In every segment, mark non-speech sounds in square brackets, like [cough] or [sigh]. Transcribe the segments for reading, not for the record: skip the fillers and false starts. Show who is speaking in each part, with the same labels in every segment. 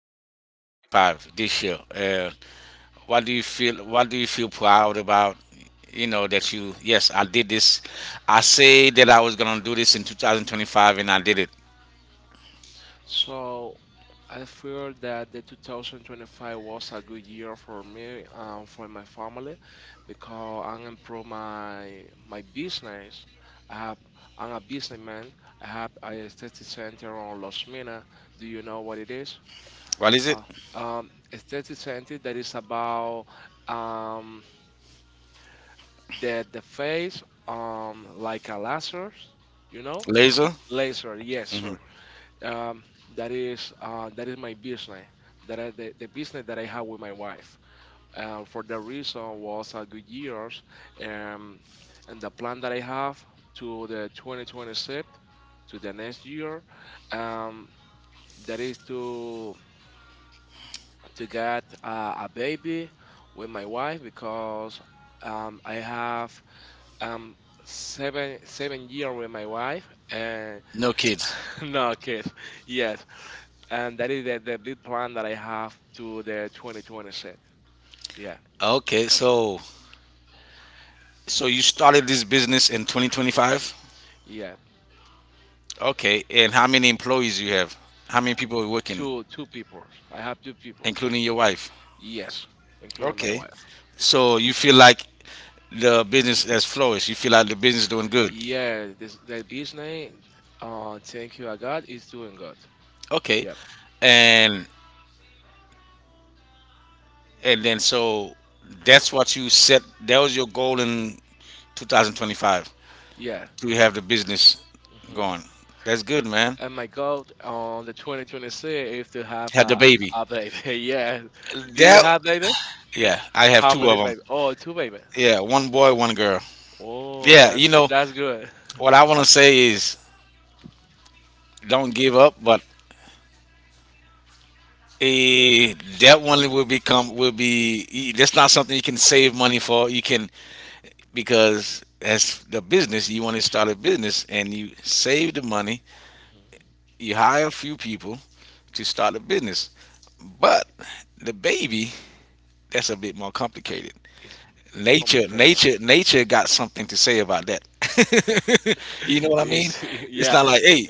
Speaker 1: was your 2025 this year? What do you feel? What do you feel proud about? You know that you yes, I did this. I say that I was gonna do this in 2025, and I did it.
Speaker 2: So I feel that the 2025 was a good year for me and for my family because I improved my business. I have I'm a businessman. I have a aesthetic center on Los Mina. Do you know what it is?
Speaker 1: What is it?
Speaker 2: Uh, Aesthetic center that is about um, the face like a laser, you know?
Speaker 1: Laser?
Speaker 2: Laser, yes, sir. Um, that is that is my business. That the business that I have with my wife. And for that reason was a good years. Um, and the plan that I have to the 2026, to the next year, um, that is to to get a baby with my wife because I have um, seven year with my wife and
Speaker 1: No kids.
Speaker 2: [laughs] no kids. Yes, and that is the big plan that I have to the 2020 set. Yeah,
Speaker 1: Okay, so you started this business in 2025.
Speaker 2: yeah.
Speaker 1: Okay, and how many employees you have? How many people are working?
Speaker 2: Two people. I have two people.
Speaker 1: Including your wife.
Speaker 2: Yes, including my
Speaker 1: Okay.
Speaker 2: wife.
Speaker 1: So you feel like the business has flourished. You feel like the business is doing good.
Speaker 2: Yeah, this that business. Thank you, I God is doing good.
Speaker 1: Okay.
Speaker 2: Yep.
Speaker 1: And and then, that's what you set. That was your goal in 2025,
Speaker 2: Yeah.
Speaker 1: to have the business
Speaker 2: hmm
Speaker 1: going. That's good, man.
Speaker 2: And my goal on the 2026 is to have
Speaker 1: Had the baby.
Speaker 2: a baby. [laughs] Yeah. Do you
Speaker 1: That,
Speaker 2: have baby?
Speaker 1: yeah. I have
Speaker 2: How
Speaker 1: two
Speaker 2: many
Speaker 1: of them.
Speaker 2: baby? Oh, two baby.
Speaker 1: Yeah, one boy, one girl.
Speaker 2: Oh,
Speaker 1: Yeah,
Speaker 2: that's
Speaker 1: you
Speaker 2: good.
Speaker 1: know
Speaker 2: That's good. [laughs]
Speaker 1: what I want to say is don't give up, but eh, that one will become will be. That's not something you can save money for. You can, because as the business, you want to start a business and you save the money,
Speaker 2: Mhm.
Speaker 1: you hire a few people to start a business, but the baby, that's a bit more complicated.
Speaker 2: It's it's
Speaker 1: nature
Speaker 2: complicated, right?
Speaker 1: nature nature got something to say about that. [laughs] You know what I mean?
Speaker 2: It's- [laughs]
Speaker 1: It's
Speaker 2: yeah,
Speaker 1: not like, hey,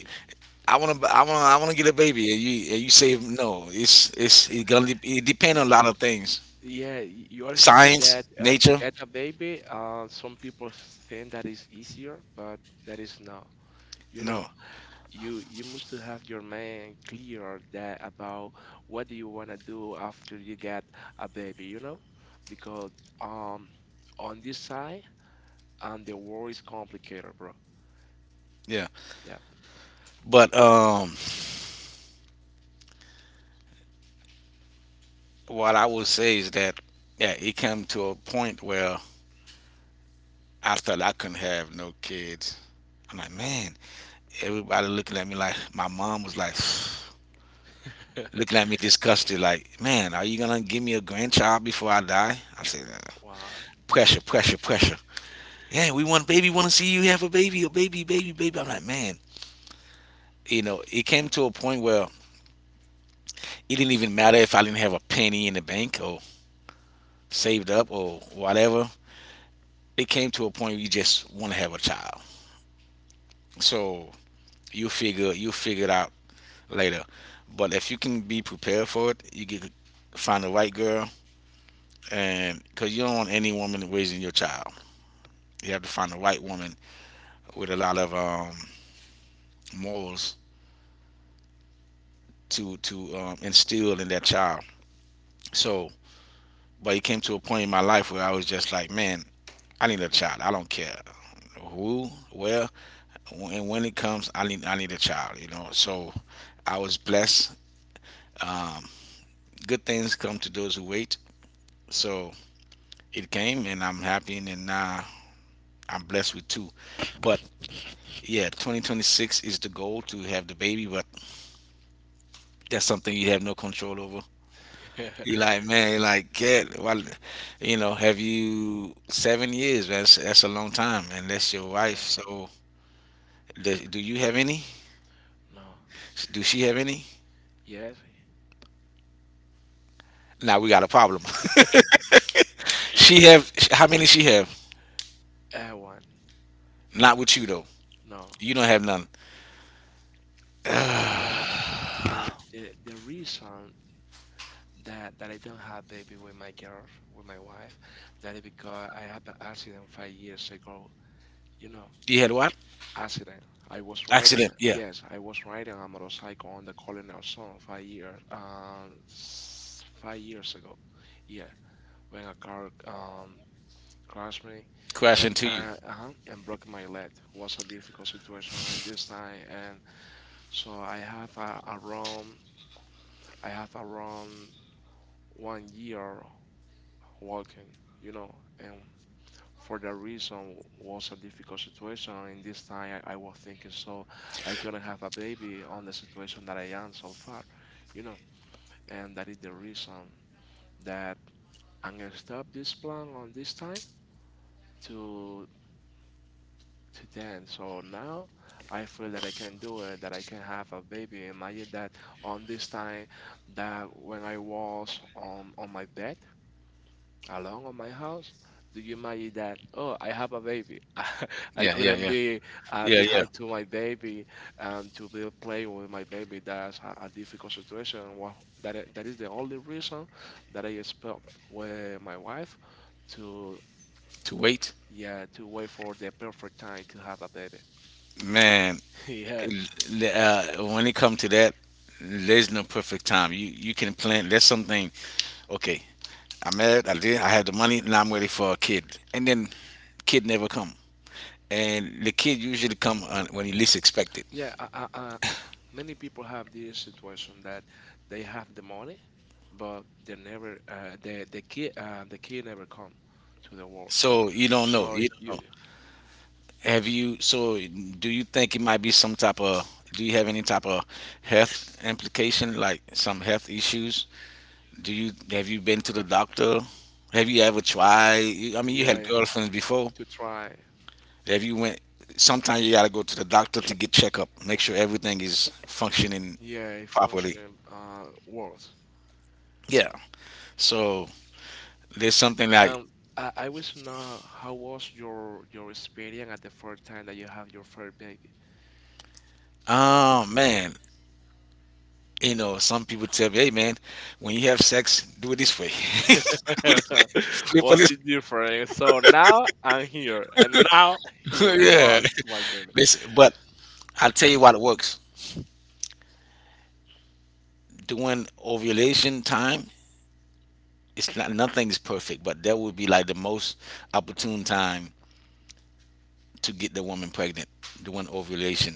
Speaker 1: I want to get a baby, and you say no. It gonna it depend on a lot of things.
Speaker 2: yeah. y- You are thinking that
Speaker 1: Science,
Speaker 2: to
Speaker 1: nature.
Speaker 2: get a baby, some people think that is easier, but that is not. You
Speaker 1: No.
Speaker 2: know, you must to have your mind clear that about what do you wanna do after you get a baby. You know, because um, on this side, the world is complicated, bro.
Speaker 1: Yeah,
Speaker 2: Yeah.
Speaker 1: but what I would say is that yeah, it came to a point where I thought I couldn't have no kids. I'm like, man, everybody looking at me like my mom was like [sighs] looking at me
Speaker 2: [laughs]
Speaker 1: disgusted, like, man, are you gonna give me a grandchild before I die? I said,
Speaker 2: Wow.
Speaker 1: pressure, pressure, pressure. Yeah, we want baby, want to see you have a baby, baby, baby. I'm like, man, you know, it came to a point where it didn't even matter if I didn't have a penny in the bank or saved up or whatever. It came to a point where you just want to have a child. So you figure it out later. But if you can be prepared for it, you can find the right girl, and because you don't want any woman raising your child, you have to find the right woman with a lot of morals to instill in that child. So, but it came to a point in my life where I was just like, man, I need a child. I don't care who, where, and when it comes, I need a child. You know, so I was blessed. Um, Good things come to those who wait. So it came and I'm happy and then, I'm blessed with two. But yeah, 2026 is the goal to have the baby, but that's something you have no control over.
Speaker 2: [laughs] yeah.
Speaker 1: You like, man, you like, get, well, you know, have you 7 years? That's a long time, and that's your wife. So, do you have any?
Speaker 2: No.
Speaker 1: Do she have any?
Speaker 2: Yes.
Speaker 1: Now we got a problem. [laughs] She have how many? She have
Speaker 2: I want.
Speaker 1: not with you though.
Speaker 2: No.
Speaker 1: You don't have none.
Speaker 2: So, but the reason that I don't have baby with my girl, with my wife, that is because I had an accident 5 years ago. You know,
Speaker 1: You had what?
Speaker 2: accident. I was
Speaker 1: Accident.
Speaker 2: riding.
Speaker 1: Yeah.
Speaker 2: Yes, I was riding a motorcycle on the Colonel Zone 5 years, 5 years ago. Yeah, when a car crashed me,
Speaker 1: Crash
Speaker 2: and
Speaker 1: into you.
Speaker 2: and broke my leg. Was a difficult situation in this time, and so I have around 1 year walking, you know, and for that reason was a difficult situation. And this time I was thinking, so I couldn't have a baby on the situation that I am so far, you know, and that is the reason that I'm gonna stop this plan on this time to to then. So now I feel that I can do it, that I can have a baby. Imagine that on this time that when I was on my bed alone on my house. Do you imagine that? Oh, I have a baby. [laughs] I
Speaker 1: Yeah. Yeah.
Speaker 2: couldn't
Speaker 1: Yeah.
Speaker 2: be
Speaker 1: Yeah. Yeah.
Speaker 2: behind to my baby and to be play with my baby. That's a difficult situation. Wha- That is the only reason that I spoke with my wife to
Speaker 1: To wait,
Speaker 2: yeah to wait for the perfect time to have a baby.
Speaker 1: man.
Speaker 2: [laughs] yeah.
Speaker 1: When it comes to that, there's no perfect time. You can plan. There's something. Okay, I'm married. I did. I have the money. Now I'm ready for a kid. And then kid never come. And the kid usually come on when you least expect it.
Speaker 2: Yeah, many people have this situation that they have the money, but they never the key the key never come to the walls.
Speaker 1: So you don't know.
Speaker 2: So
Speaker 1: You don't know.
Speaker 2: you
Speaker 1: Have you, so Do you think it might be some type of, do you have any type of health implication, like some health issues? Have you been to the doctor? Have you ever tried? I mean, you had
Speaker 2: yeah
Speaker 1: girlfriends before.
Speaker 2: to try
Speaker 1: Have you went, Sometimes you gotta go to the doctor to get checkup, make sure everything is functioning
Speaker 2: yeah a
Speaker 1: properly.
Speaker 2: functioning world.
Speaker 1: Yeah. So there's something like,
Speaker 2: Um, I wish to know how was your experience at the first time that you have your first baby.
Speaker 1: oh man, you know, some people tell me, hey man, when you have sex, do it this way. [laughs] Do
Speaker 2: [laughs]
Speaker 1: it this way, for
Speaker 2: What's the difference? So now I'm here and now
Speaker 1: [laughs]
Speaker 2: here.
Speaker 1: yeah.
Speaker 2: What? My
Speaker 1: Listen, but I'll tell you what works. During ovulation time, it's not nothing's perfect, but that would be like the most opportune time to get the woman pregnant during ovulation,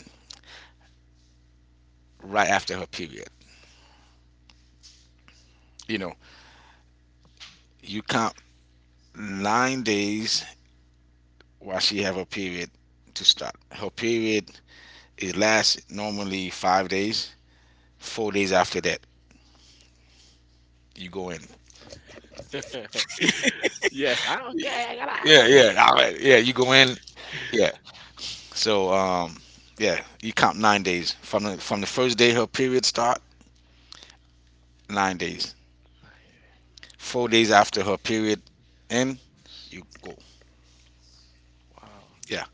Speaker 1: right after her period. You know, you count 9 days while she have her period to start. Her period it lasts normally 5 days. 4 days after that, you go in.
Speaker 2: [laughs] yes, I don't care. I gotta have
Speaker 1: Yeah,
Speaker 2: it.
Speaker 1: yeah, all right. Yeah, you go in. Yeah. So yeah, you count 9 days from the first day her period start. 9 days. 4 days after her period end, you go.
Speaker 2: Wow,
Speaker 1: Yeah,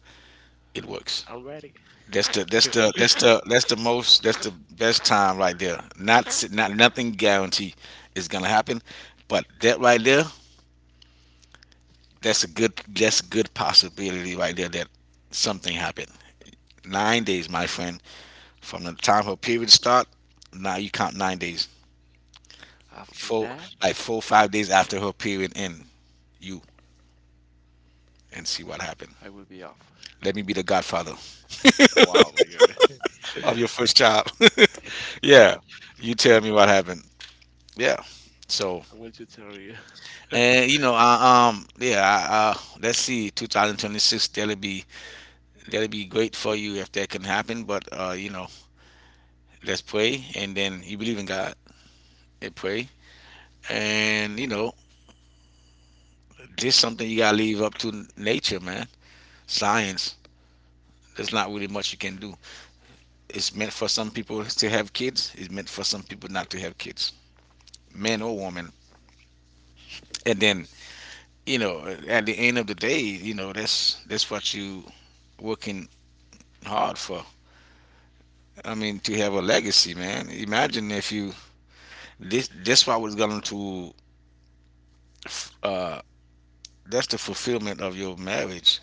Speaker 1: it works.
Speaker 2: I'm ready.
Speaker 1: That's the that's the that's
Speaker 2: [laughs]
Speaker 1: the that's the most that's the best time right there. Not nothing guarantee is gonna happen, but that right there, that's a good possibility right there that something happened. 9 days, my friend, from the time her period start. Now you count 9 days.
Speaker 2: After
Speaker 1: Four,
Speaker 2: that,
Speaker 1: 4 or 5 days after her period end, you and see what happened.
Speaker 2: I will be off.
Speaker 1: Let me be the godfather
Speaker 2: Wow, my God.
Speaker 1: [laughs] of your
Speaker 2: [laughs]
Speaker 1: first child. [laughs] Yeah,
Speaker 2: Wow,
Speaker 1: you tell me what happened. Yeah, so
Speaker 2: I want to tell you,
Speaker 1: and you
Speaker 2: [laughs]
Speaker 1: know, yeah, let's see, 2026, that'll be great for you if that can happen. But you know, let's pray, and then you believe in God and pray, and you know, this something you gotta leave up to nature, man. Science. There's not really much you can do. It's meant for some people to have kids. It's meant for some people not to have kids, men or women. And then you know, at the end of the day, you know, that's what you working hard for. I mean, to have a legacy, man. Imagine if you this that's what was going to uh that's the fulfillment of your marriage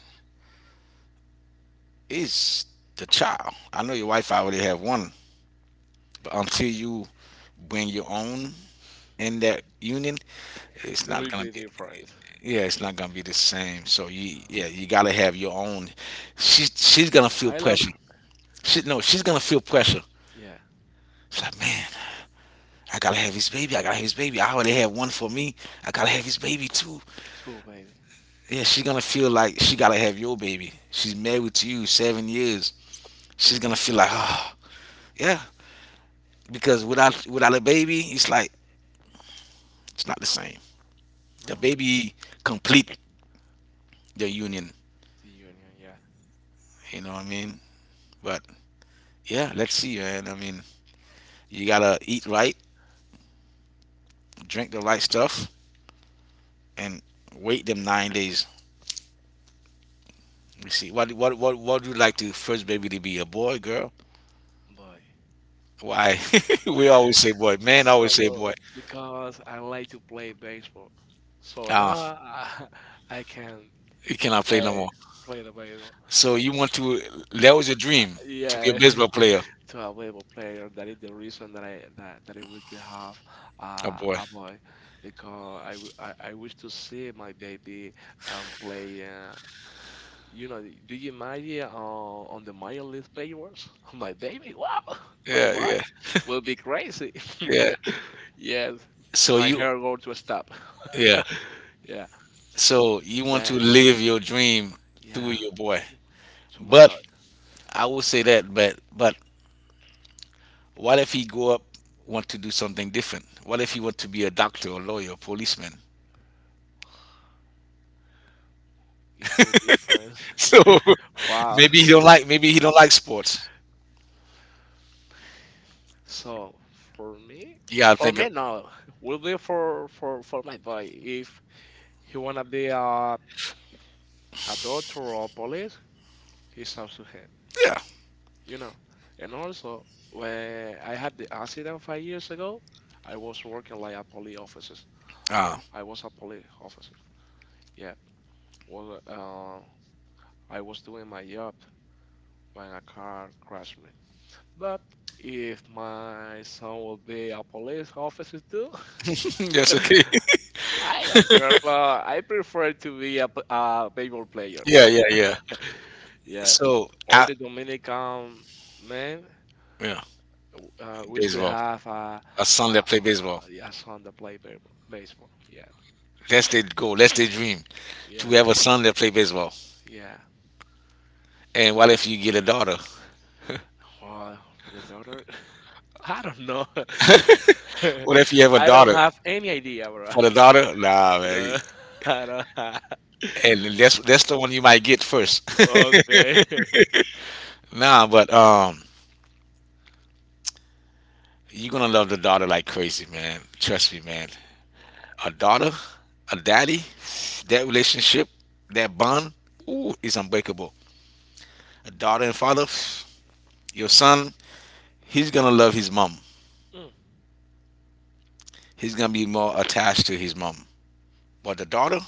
Speaker 1: is the child. I know your wife already have one, but until you bring your own in that union, it's not
Speaker 2: we'll
Speaker 1: gonna
Speaker 2: be
Speaker 1: be,
Speaker 2: different.
Speaker 1: yeah, it's not gonna be the same. So you,
Speaker 2: No,
Speaker 1: yeah, you gotta have your own. She's gonna feel
Speaker 2: I love
Speaker 1: pressure.
Speaker 2: her.
Speaker 1: She no, she's gonna feel pressure.
Speaker 2: Yeah,
Speaker 1: It's like, man, I gotta have his baby. I gotta have his baby. I already have one for me. I gotta have his baby too.
Speaker 2: two baby.
Speaker 1: Yeah, she's gonna feel like she gotta have your baby. She's married to you 7 years. She's gonna feel like, oh, yeah, because without a baby, it's like it's not the same. The
Speaker 2: No,
Speaker 1: baby complete the union.
Speaker 2: the union. Yeah,
Speaker 1: You know what I mean? But yeah, let's see, man. I mean, you gotta eat right, drink the right stuff, and wait them 9 days. You see, what do you like to first baby to be, a boy, girl?
Speaker 2: boy.
Speaker 1: Why? [laughs] We always say boy. Men always say
Speaker 2: So
Speaker 1: boy.
Speaker 2: because I like to play baseball, so
Speaker 1: Ah,
Speaker 2: now I, [laughs] I can
Speaker 1: you cannot play no
Speaker 2: play
Speaker 1: more.
Speaker 2: play the baseball.
Speaker 1: So you want to? That was your dream to be a
Speaker 2: Yeah,
Speaker 1: baseball
Speaker 2: [laughs]
Speaker 1: player,
Speaker 2: to a baseball player. That is the reason that that I would have
Speaker 1: a boy.
Speaker 2: a boy because I wish to see my baby play. You know, do you imagine on the minor league baseballers? [laughs] My baby, wow, [laughs] my
Speaker 1: Yeah,
Speaker 2: boy
Speaker 1: yeah,
Speaker 2: will be crazy.
Speaker 1: yeah.
Speaker 2: [laughs] yes,
Speaker 1: So
Speaker 2: my
Speaker 1: you,
Speaker 2: hair going to stop.
Speaker 1: yeah.
Speaker 2: [laughs] yeah,
Speaker 1: So you want to
Speaker 2: that
Speaker 1: live your dream through
Speaker 2: yeah
Speaker 1: your boy.
Speaker 2: to my
Speaker 1: But
Speaker 2: dog.
Speaker 1: I would say that. But what if he grow up want to do something different? What if he want to be a doctor, a lawyer, a policeman?
Speaker 2: It's too different.
Speaker 1: [laughs] So
Speaker 2: [laughs] Wow.
Speaker 1: maybe he don't like sports.
Speaker 2: So for me,
Speaker 1: You gotta
Speaker 2: for
Speaker 1: think of,
Speaker 2: me, no. Will be for my boy. If he wanna be a doctor or police, it's up to him.
Speaker 1: yeah.
Speaker 2: You know. And also, when I had the accident 5 years ago, I was working like a police officer.
Speaker 1: Oh,
Speaker 2: I was a police officer. Yeah. Was I was doing my job when a car crashed me. But if my son will be a police officer too, [laughs]
Speaker 1: [laughs] yes, okay. [laughs]
Speaker 2: I don't care, but I prefer to be a, p- a baseball
Speaker 1: Yeah,
Speaker 2: players.
Speaker 1: yeah,
Speaker 2: [laughs]
Speaker 1: yeah.
Speaker 2: Yeah. So-
Speaker 1: So
Speaker 2: Or
Speaker 1: I,
Speaker 2: the Dominican man,
Speaker 1: yeah,
Speaker 2: we still
Speaker 1: baseball.
Speaker 2: have a,
Speaker 1: A son that play baseball.
Speaker 2: a son that play baseball. Baseball. Yeah.
Speaker 1: That's their goal. That's their dream
Speaker 2: Yeah.
Speaker 1: to have a son that play baseball.
Speaker 2: Yeah.
Speaker 1: And what if you get a daughter?
Speaker 2: Well, for the daughter, [laughs] I don't know. [laughs]
Speaker 1: [laughs] What if you have a
Speaker 2: I don't
Speaker 1: daughter?
Speaker 2: have any idea, bro. [laughs]
Speaker 1: For the daughter, nah, man.
Speaker 2: No, [laughs] I don't have.
Speaker 1: And
Speaker 2: [laughs]
Speaker 1: that's the one you might get first.
Speaker 2: Okay.
Speaker 1: [laughs]
Speaker 2: [laughs]
Speaker 1: Nah, but you're gonna love the daughter like crazy, man. Trust me, man. A daughter, a daddy. That relationship, that bond, ooh, is unbreakable. A daughter and father, [sighs] your son, he's gonna love his mom.
Speaker 2: Mm,
Speaker 1: He's gonna be more attached to his mom. But the daughter,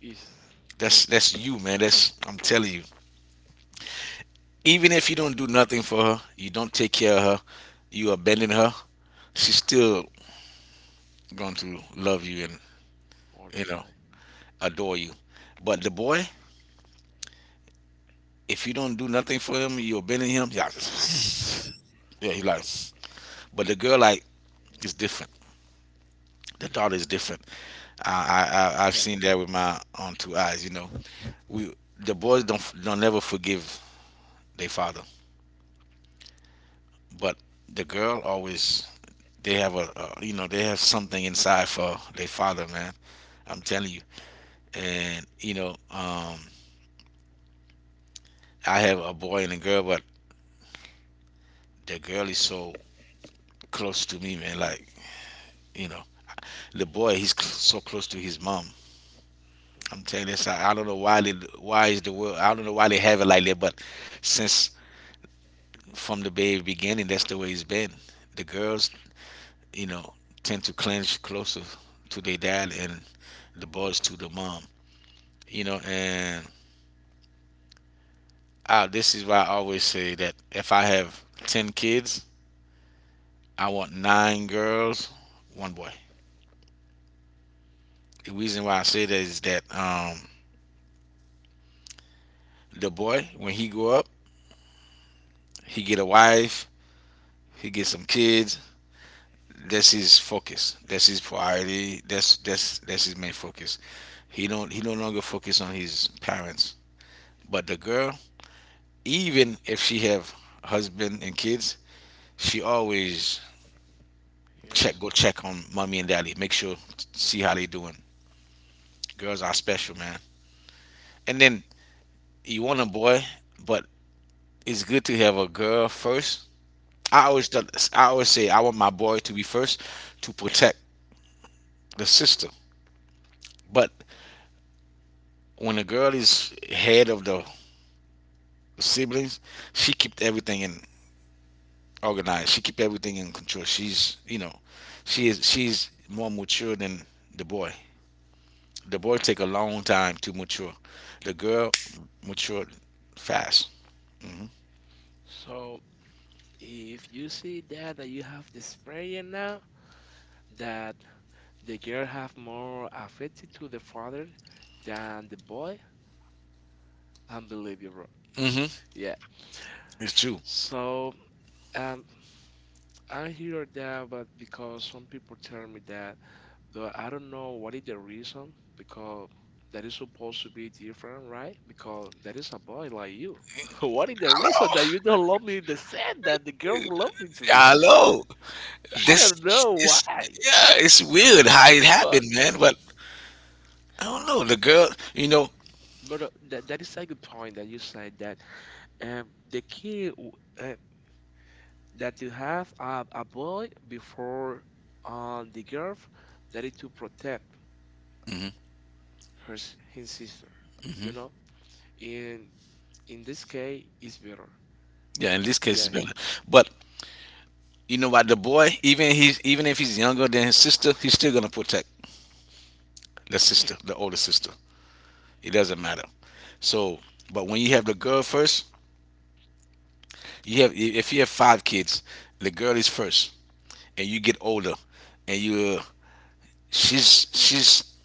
Speaker 2: Yes.
Speaker 1: that's you, man. That's, I'm telling you. Even if you don't do nothing for her, you don't take care of her, you abandon her, she's still going to love you and
Speaker 2: All the
Speaker 1: you know
Speaker 2: time.
Speaker 1: adore you. But the boy, if you don't do nothing for him, you abandon him. Yeah, [sighs] yeah, he like. But the girl like is different. The daughter is different. I've seen that with my own two eyes. You know, we the boys don't never forgive their father, but the girl always, they have a, you know, they have something inside for their father, man. I'm telling you, and you know I have a boy and a girl, but the girl is so close to me, man. Like you know, the boy so close to his mom. I'm telling you, this, I don't know why they, why is the world. I don't know why they have it like that, but since from the very beginning, that's the way it's been. The girls, you know, tend to clench closer to their dad, and the boys to the mom. And this is why I always say that if I have 10 kids, I want nine girls, one boy. The reason why I say that is that the boy, when he grow up, he get a wife, he get some kids. That's his focus. That's his priority. That's his main focus. He no longer focus on his parents. But the girl, even if she have husband and kids, she always
Speaker 2: Yes.
Speaker 1: check on mommy and daddy, make sure see how they doing. Girls are special, man. And then you want a boy, but it's good to have a girl first. I always say I want my boy to be first to protect the sister. But when a girl is head of the siblings, she keeps everything in organized. She keep everything in control. She's you know, she is she's more mature than the boy. The boy take a long time to mature. The girl matured fast. Hmm.
Speaker 2: So if you see that that you have the sprayer now, that the girl have more affected to the father than the boy, unbelievable.
Speaker 1: Hmm.
Speaker 2: Yeah.
Speaker 1: It's true.
Speaker 2: So um, I hear that, but because some people tell me that Though I don't know what is the reason because that is supposed to be different, right? Because that is a boy like you. [laughs] What is the reason that you
Speaker 1: Hello.
Speaker 2: don't love me the same that the girl loved me to me?
Speaker 1: Hello.
Speaker 2: I
Speaker 1: This
Speaker 2: don't know
Speaker 1: is
Speaker 2: why,
Speaker 1: yeah, it's weird how it
Speaker 2: but
Speaker 1: happened, man. But I don't know. The girl. You know.
Speaker 2: but that that is a good point that you said that um the key w- uh, that you have a boy before the girl that is to protect
Speaker 1: Hmm.
Speaker 2: his sister, you
Speaker 1: Hmm.
Speaker 2: know. In in this case, it's better.
Speaker 1: Yeah, in this case it's
Speaker 2: Yeah,
Speaker 1: better. But you know what? The boy, even if he's younger than his sister, he's still gonna protect the sister, the older sister. It doesn't matter. So, but when you have the girl first, you have if you have five kids, the girl is first, and you get older, and you, she's,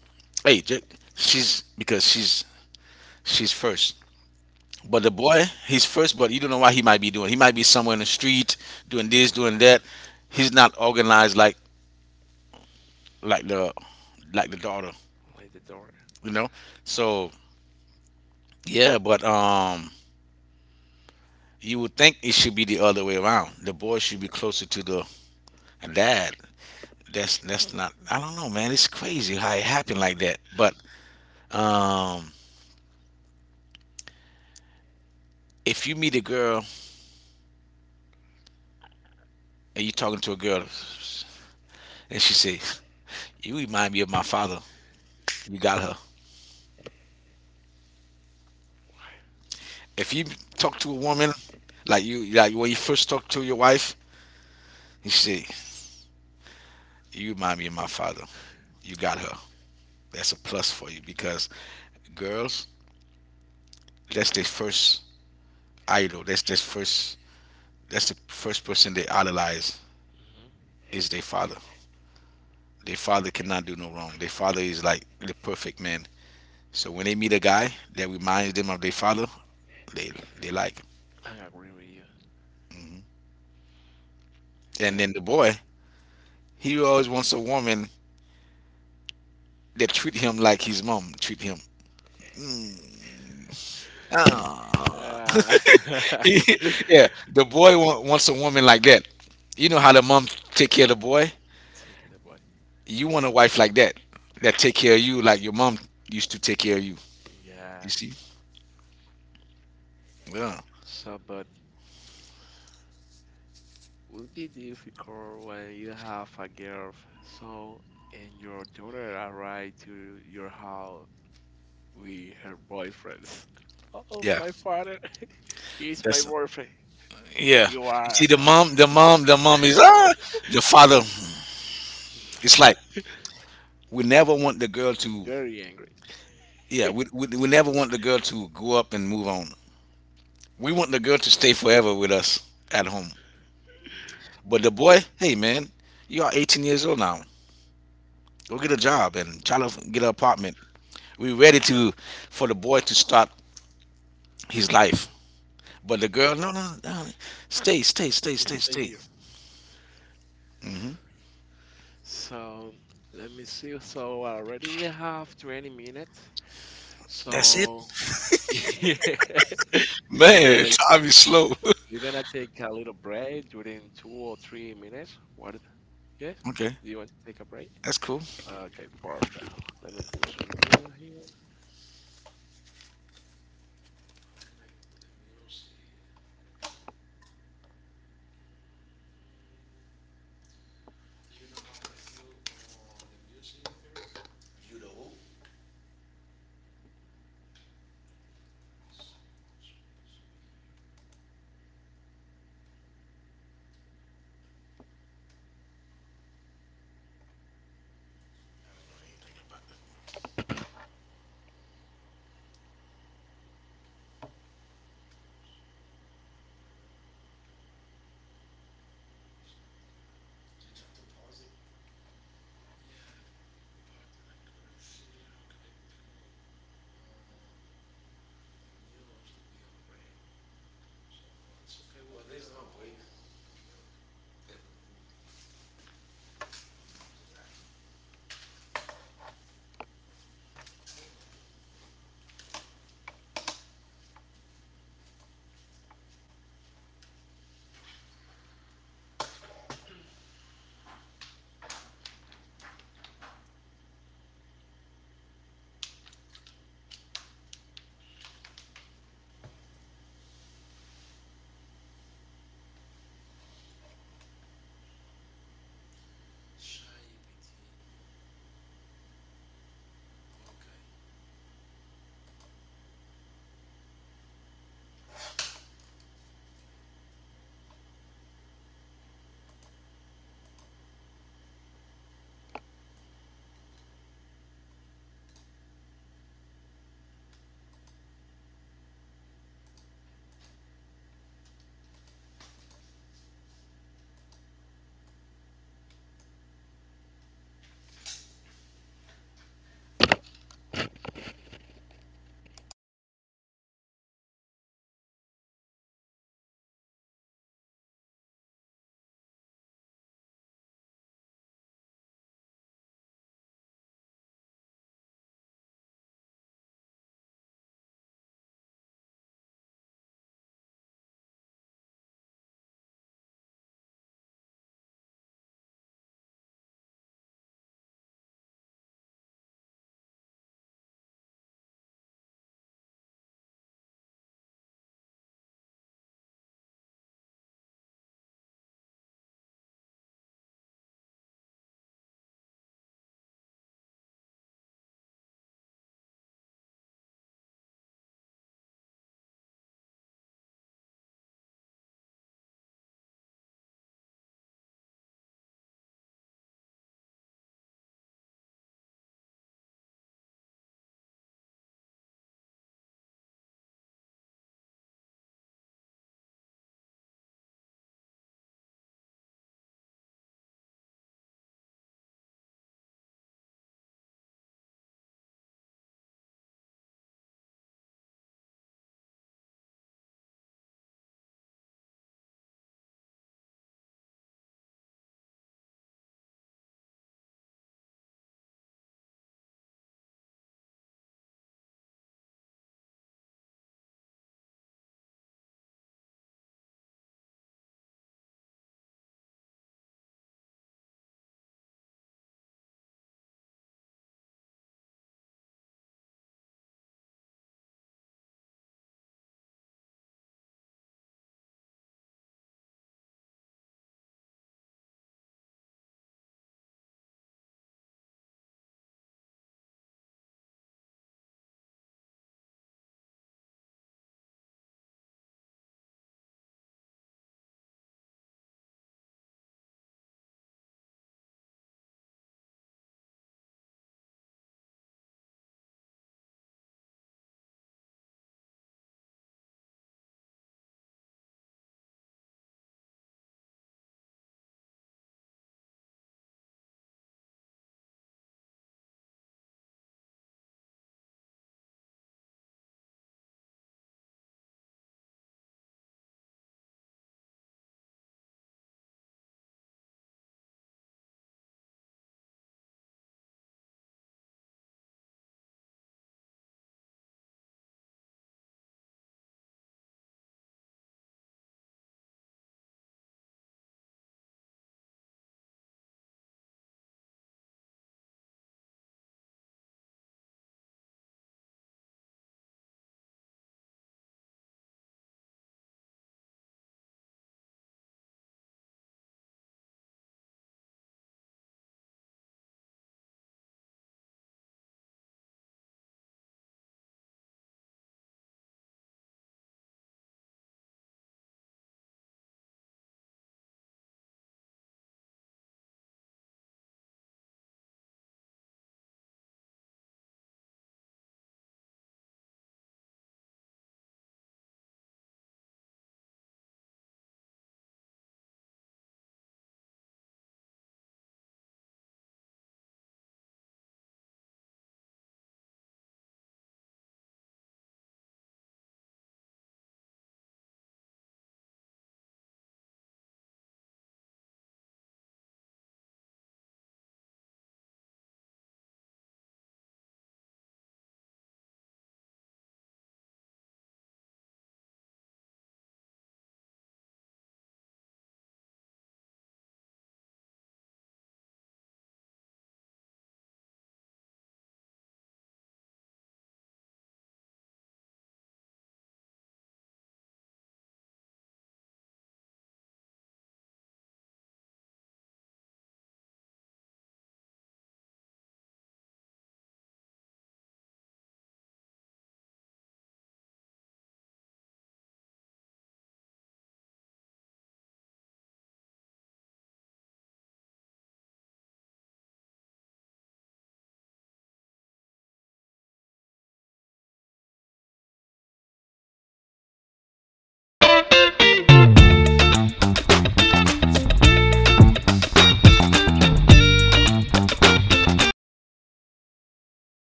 Speaker 1: hey ju- because she's first. But the boy, he's first, but you don't know what he might be doing. He might be somewhere in the street doing this, doing that. He's not organized like the like the daughter,
Speaker 2: like the door.
Speaker 1: you know. So, yeah, but you would think it should be the other way around. The boy should be closer to the dad. That's not, I don't know, man. It's crazy how it happened like that. But um if you meet a girl and you talking to a girl and she say you remind me of my father, you got her. If you talk to a woman, like you, like when you first talk to your wife, you say you remind me of my father, you got her. That's a plus for you because girls, that's their first idol, that's their first, that's the first person they idolize
Speaker 2: Hmm
Speaker 1: is their father. Their father cannot do no wrong. Their father is like the perfect man. So when they meet a guy that reminds them of their father, they they like him.
Speaker 2: I agree with you.
Speaker 1: And
Speaker 2: Yeah.
Speaker 1: then the boy, he always wants a woman that treat him like his mom treat him. Mm, ah.
Speaker 2: Uh,
Speaker 1: [laughs] He-
Speaker 2: [laughs]
Speaker 1: yeah, the boy wants a woman like that. You know how the mom take care of the boy.
Speaker 2: take it away.
Speaker 1: You want a wife like that that take care of you like your mom used to take care of you. You
Speaker 2: Yeah.
Speaker 1: see? Yeah.
Speaker 2: So, but would be difficult when you have a girl. So, and your daughter arrive to your house with her boyfriends. [laughs] Oh,
Speaker 1: Yeah.
Speaker 2: my father [laughs] is my
Speaker 1: That's
Speaker 2: boyfriend.
Speaker 1: Yeah.
Speaker 2: You
Speaker 1: You
Speaker 2: are
Speaker 1: see the mom is, the father. It's like we never want the girl
Speaker 2: [laughs]
Speaker 1: to,
Speaker 2: very angry.
Speaker 1: yeah, we never want the girl to grow up and move on. We want the girl to stay forever with us at home. But the boy, hey man, you are 18 years old now. Go get a job and try to get an apartment. We're ready to for the boy to start his life. But the girl, no, no, no, stay, stay, stay,
Speaker 2: You
Speaker 1: stay,
Speaker 2: Stay
Speaker 1: stay.
Speaker 2: here.
Speaker 1: Hmm.
Speaker 2: So let me see. So already we have 20 minutes.
Speaker 1: That's it,
Speaker 2: So [laughs] yeah,
Speaker 1: man.
Speaker 2: so
Speaker 1: [laughs] Time is slow.
Speaker 2: we're gonna take a little break during 2 or 3 minutes. What? Yes.
Speaker 1: [laughs] Okay,
Speaker 2: Do you want to take a break?
Speaker 1: that's cool.
Speaker 2: Okay, perfect. Let me put some meal here.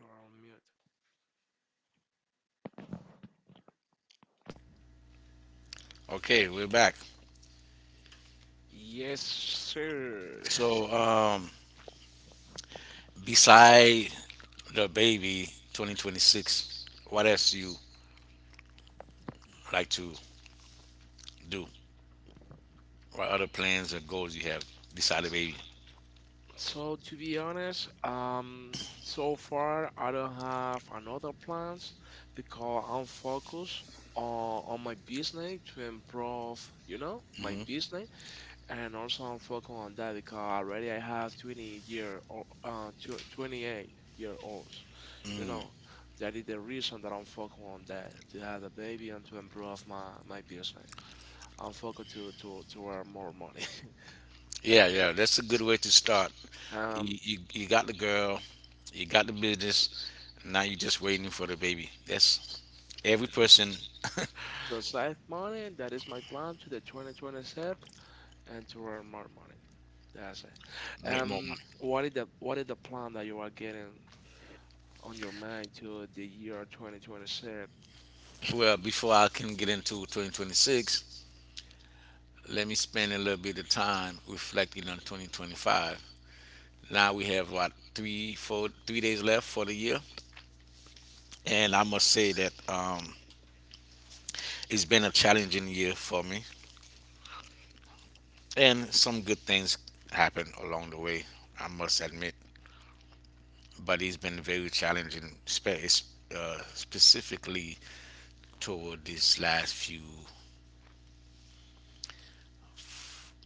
Speaker 2: You're on mute.
Speaker 1: Okay, we're back.
Speaker 2: Yes, sir.
Speaker 1: So, beside the baby 2026, what else do you like to do? What other plans and goals you have beside the baby?
Speaker 2: So to be honest, so far I don't have another plans because I'm focused on my business to improve, you know, my
Speaker 1: Hmm.
Speaker 2: business, and also I'm focused on that because already I have 20 year or 28-year-olds, you
Speaker 1: Mm.
Speaker 2: know. That is the reason that I'm focused on that to have a baby and to improve my, my business. I'm focused to earn more money.
Speaker 1: Yeah, yeah, that's a good way to start.
Speaker 2: [laughs] Um,
Speaker 1: You got the girl, you got the business, now you're just waiting for the baby. That's every person. [laughs]
Speaker 2: To save money, that is my plan to the 2027 and to earn more money. That's it.
Speaker 1: Make more money.
Speaker 2: What is the plan that you are getting on your mind to the year 2027?
Speaker 1: Well, before I can get into 2026, let me spend a little bit of time reflecting on 2025. Now we have what, three, four, 3 days left for the year, and I must say that it's been a challenging year for me, and some good things happened along the way. I must admit, but it's been very challenging, specifically toward these last few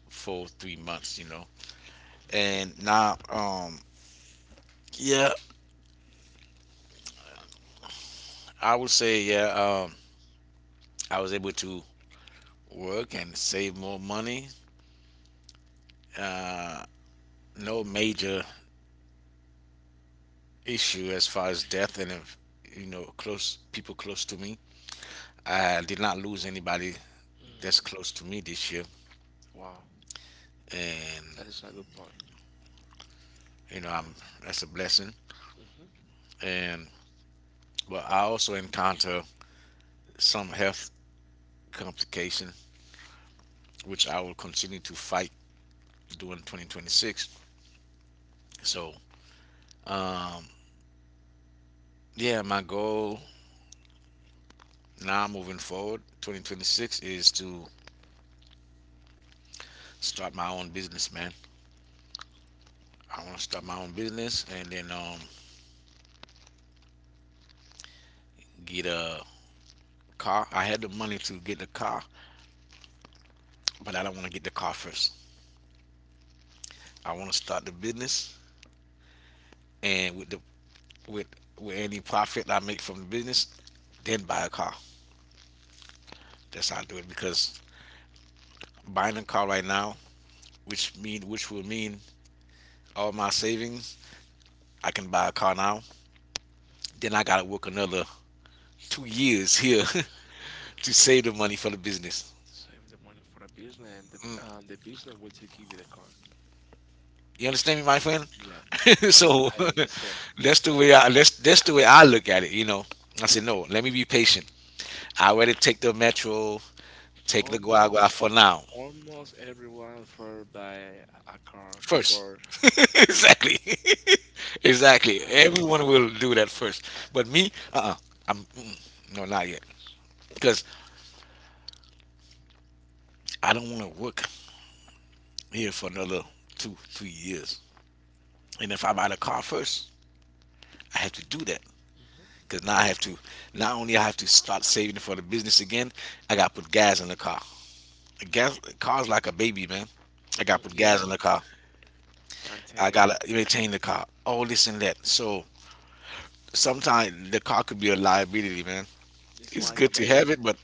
Speaker 1: four, three months. And
Speaker 2: Mhm.
Speaker 1: now, yeah, I would say, yeah, um, I was able to work and save more money. No major issue as far as death and if, close people close to me. I did not lose anybody
Speaker 2: Mm,
Speaker 1: that's close to me this year,
Speaker 2: Wow,
Speaker 1: and
Speaker 2: that is a good point.
Speaker 1: you know
Speaker 2: Yeah.
Speaker 1: I'm that's a blessing.
Speaker 2: hmm
Speaker 1: And but I also encounter some health complication, which I will continue to fight during 2026. So um, yeah, my goal now moving forward 2026 is to start my own business, man. I want to start my own business and then get a car. I had the money to get the car, but I don't want to get the car first. I want to start the business, and with the with with any profit I make from the business, then buy a car. That's how I do it because buying a car right now, which will mean all my savings, I can buy a car now. Then I gotta work another 2 years here [laughs] to save the money for the business.
Speaker 2: Save the money for the business, and the business will to give you the car.
Speaker 1: You understand me, my friend?
Speaker 2: Yeah,
Speaker 1: [laughs]
Speaker 2: [laughs]
Speaker 1: So,
Speaker 2: I understand.
Speaker 1: [laughs] that's the way I that's the way I look at it. I said no. Let me be patient. I already take the metro, take the guagua
Speaker 2: Almost,
Speaker 1: for now.
Speaker 2: almost everyone for buy a car
Speaker 1: First.
Speaker 2: before.
Speaker 1: [laughs] Exactly. [laughs] Exactly.
Speaker 2: I don't know.
Speaker 1: Everyone will do that first. But me, no, not yet. Because I don't want to work here for another two, 3 years. And if I buy the car first, I have to do that.
Speaker 2: Hmm
Speaker 1: Because now not only I have to start saving for the business again, I got to put gas in the car. Gas, car's like a baby, man. I
Speaker 2: hmm
Speaker 1: got to put
Speaker 2: Yeah,
Speaker 1: gas in the car. I
Speaker 2: maintain.
Speaker 1: gotta maintain the car, all this and that. So sometimes the car could be a liability, man.
Speaker 2: It's
Speaker 1: It's
Speaker 2: like a
Speaker 1: good to
Speaker 2: baby.
Speaker 1: have it, but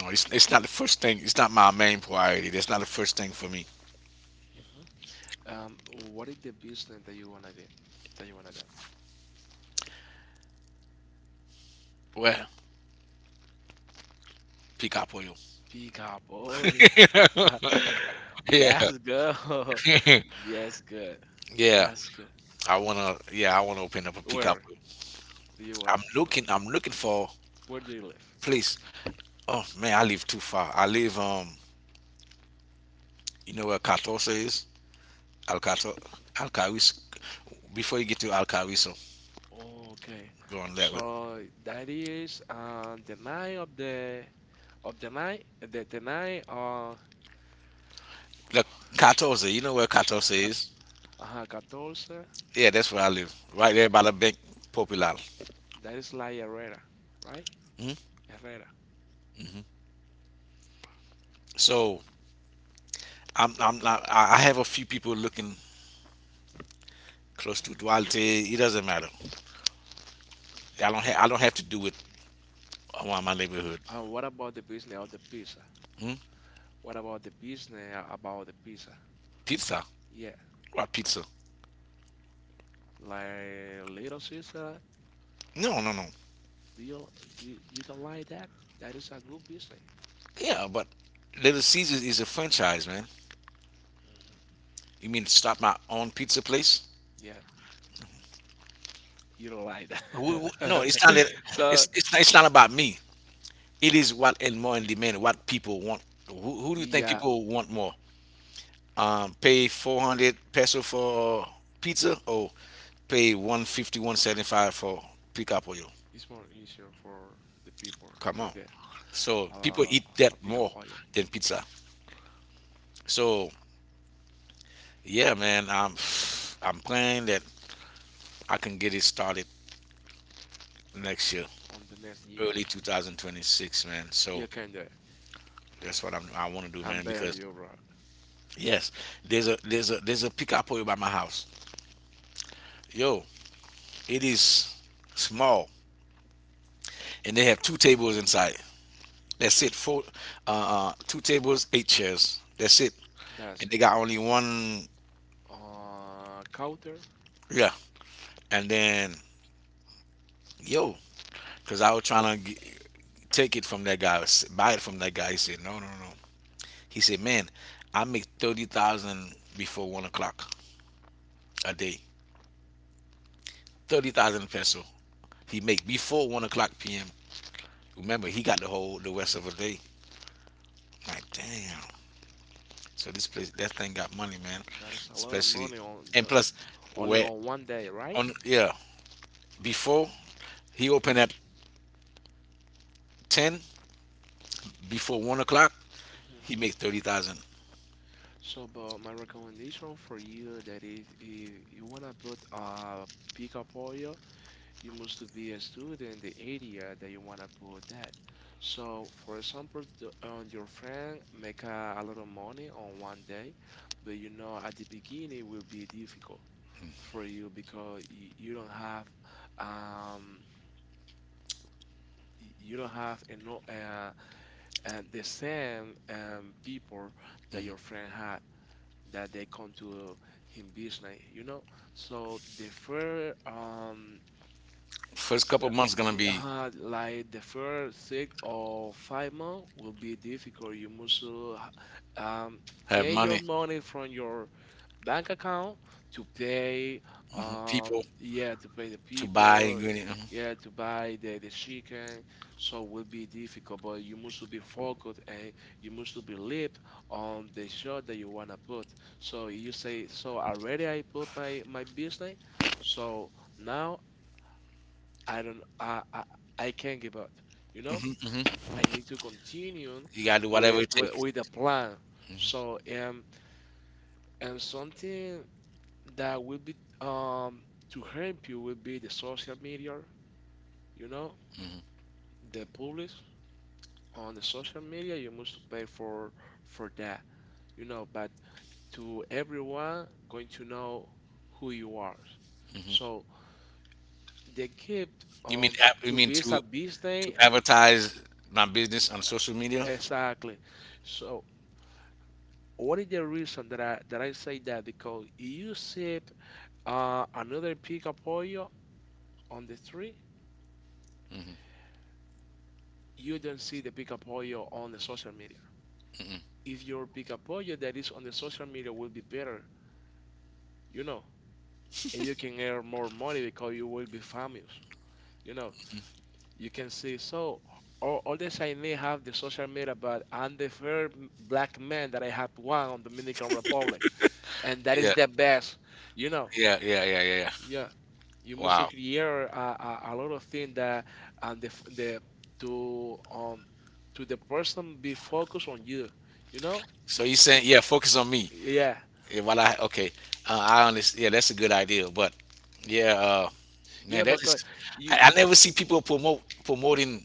Speaker 1: no, it's not the first thing. It's not my main priority. That's not the first thing for me.
Speaker 2: Hmm What is the business that you wanna get? That you wanna get?
Speaker 1: Well, pick up on you.
Speaker 2: Pick up, boy.
Speaker 1: [laughs]
Speaker 2: [laughs]
Speaker 1: Yeah.
Speaker 2: That's good. [laughs]
Speaker 1: [laughs]
Speaker 2: That's good.
Speaker 1: Yeah.
Speaker 2: That's good.
Speaker 1: I wanna, yeah, I wanna open up a pickup
Speaker 2: Where
Speaker 1: up.
Speaker 2: do you wanna?
Speaker 1: I'm looking, I'm looking for
Speaker 2: Where do you live?
Speaker 1: place. Oh man, I live too far. I live, you know where Catosa is? Alcato, Alcaris. Before you get to Alcariso,
Speaker 2: Okay.
Speaker 1: go on that way.
Speaker 2: So that is the night of the night
Speaker 1: Look, Catosa. You know where
Speaker 2: uh,
Speaker 1: Catosa is?
Speaker 2: Ajá, 14.
Speaker 1: Yeah, that's where I live, right
Speaker 2: Okay.
Speaker 1: there by the Bank Popular.
Speaker 2: That is like Herrera, right?
Speaker 1: Mhm.
Speaker 2: Herrera.
Speaker 1: So I'm not. I have a few people looking close to Duarte. It doesn't matter. I don't. I
Speaker 2: Mhm.
Speaker 1: don't have to do it around my neighborhood.
Speaker 2: And what about the business of the pizza?
Speaker 1: Mhm.
Speaker 2: What about the business about the pizza?
Speaker 1: Pizza.
Speaker 2: Yeah,
Speaker 1: What pizza?
Speaker 2: like Little Caesar,
Speaker 1: No, no, no.
Speaker 2: do you you, you don't like that? That is a good business.
Speaker 1: Yeah, but Little Caesars is a franchise, man.
Speaker 2: Mhm.
Speaker 1: You mean start my own pizza place?
Speaker 2: Yeah, you don't like
Speaker 1: No,
Speaker 2: that.
Speaker 1: it's not.
Speaker 2: [laughs] So
Speaker 1: It's not about me. It is what and more in demand. What people want. Who do you think
Speaker 2: yeah,
Speaker 1: people want more? Pay 400 peso for pizza or pay 150 175 for pica,
Speaker 2: it's more easier for the people
Speaker 1: come
Speaker 2: to
Speaker 1: on.
Speaker 2: get
Speaker 1: So people
Speaker 2: uh,
Speaker 1: eat that
Speaker 2: a big
Speaker 1: more
Speaker 2: player.
Speaker 1: than pizza. So yeah, man, I'm praying that I can get it started next year,
Speaker 2: On the next year.
Speaker 1: early 2026, man. So
Speaker 2: You can do it.
Speaker 1: that's what I want to do,
Speaker 2: I'm
Speaker 1: man,
Speaker 2: betting
Speaker 1: because
Speaker 2: you right.
Speaker 1: yes, there's a pica by my house, yo. It is small, and they have two tables inside. That's it. Two tables, eight chairs. That's it. And
Speaker 2: That's
Speaker 1: they
Speaker 2: it.
Speaker 1: got only one.
Speaker 2: Counter,
Speaker 1: Yeah. And then, yo, cause I was trying to take it from that guy, buy it from that guy. He said, no, no, no. He said, man, I make 30,000 before 1 o'clock a day. 30,000 peso he make before 1 o'clock p.m. Remember, he got the whole the rest of the day. Like damn. So this place, that thing got money, man.
Speaker 2: that is a lot of
Speaker 1: Especially,
Speaker 2: money on
Speaker 1: and plus,
Speaker 2: only
Speaker 1: where
Speaker 2: on one day, right?
Speaker 1: on, yeah, before he opened at 10, before 1 o'clock, he
Speaker 2: Mhm.
Speaker 1: make 30,000.
Speaker 2: So, but my recommendation for you that is if you wanna put a pickup up oil you must be a student in the area that you want to put that. So, for example, your friend make a lot of money on one day, but you know at the beginning will be difficult for you because you don't have um you don't have enough the same people that your friend had that they come to him business you know so the first
Speaker 1: First couple
Speaker 2: Uh,
Speaker 1: months gonna be
Speaker 2: like the first 6 or 5 months will be difficult. You must
Speaker 1: have
Speaker 2: take your
Speaker 1: money.
Speaker 2: money from your bank account to pay,
Speaker 1: Mhm. People
Speaker 2: yeah, to pay the
Speaker 1: to buy
Speaker 2: people,
Speaker 1: ingredients.
Speaker 2: yeah, to buy the chicken. So will be difficult, but you must be focused and you must be lit on the job that you wanna put. So you say, so already I put my business, so. Now I don't I can't give up. You know,
Speaker 1: Hmm. Hmm.
Speaker 2: I need to continue
Speaker 1: You gotta do whatever
Speaker 2: with
Speaker 1: it
Speaker 2: with,
Speaker 1: takes.
Speaker 2: with the plan. So and something that will be um to help you will be the social media. You know, the public on the social media you must pay for that. You know, but to everyone going to know who you are. So they keep
Speaker 1: You mean
Speaker 2: um
Speaker 1: you
Speaker 2: to
Speaker 1: mean
Speaker 2: be
Speaker 1: to
Speaker 2: a
Speaker 1: to
Speaker 2: business.
Speaker 1: advertise my business on social media?
Speaker 2: Exactly. So what is the reason that I say that? Because you see another pica pollo on the tree,
Speaker 1: Mm-hmm,
Speaker 2: you don't see the pica pollo on the social media.
Speaker 1: mm-hmm.
Speaker 2: If your pica pollo that is on the social media will be better, you know, and you can earn more money because you will be famous. You know, you can see so. All the Chinese have the social media, but I'm the first black man that I have one on Dominican Republic, and that is
Speaker 1: Yeah,
Speaker 2: the best, you know.
Speaker 1: yeah, yeah, yeah, yeah, yeah.
Speaker 2: Yeah, you must to
Speaker 1: Wow.
Speaker 2: create a, a lot of things that and the to um to the person be focused on you, you know?
Speaker 1: So you saying, yeah, focus on me.
Speaker 2: Yeah,
Speaker 1: Yeah, well, I like, okay. I honestly, yeah, that's a good idea. But yeah,
Speaker 2: yeah,
Speaker 1: man, that
Speaker 2: because
Speaker 1: is.
Speaker 2: you
Speaker 1: I never see people promote promoting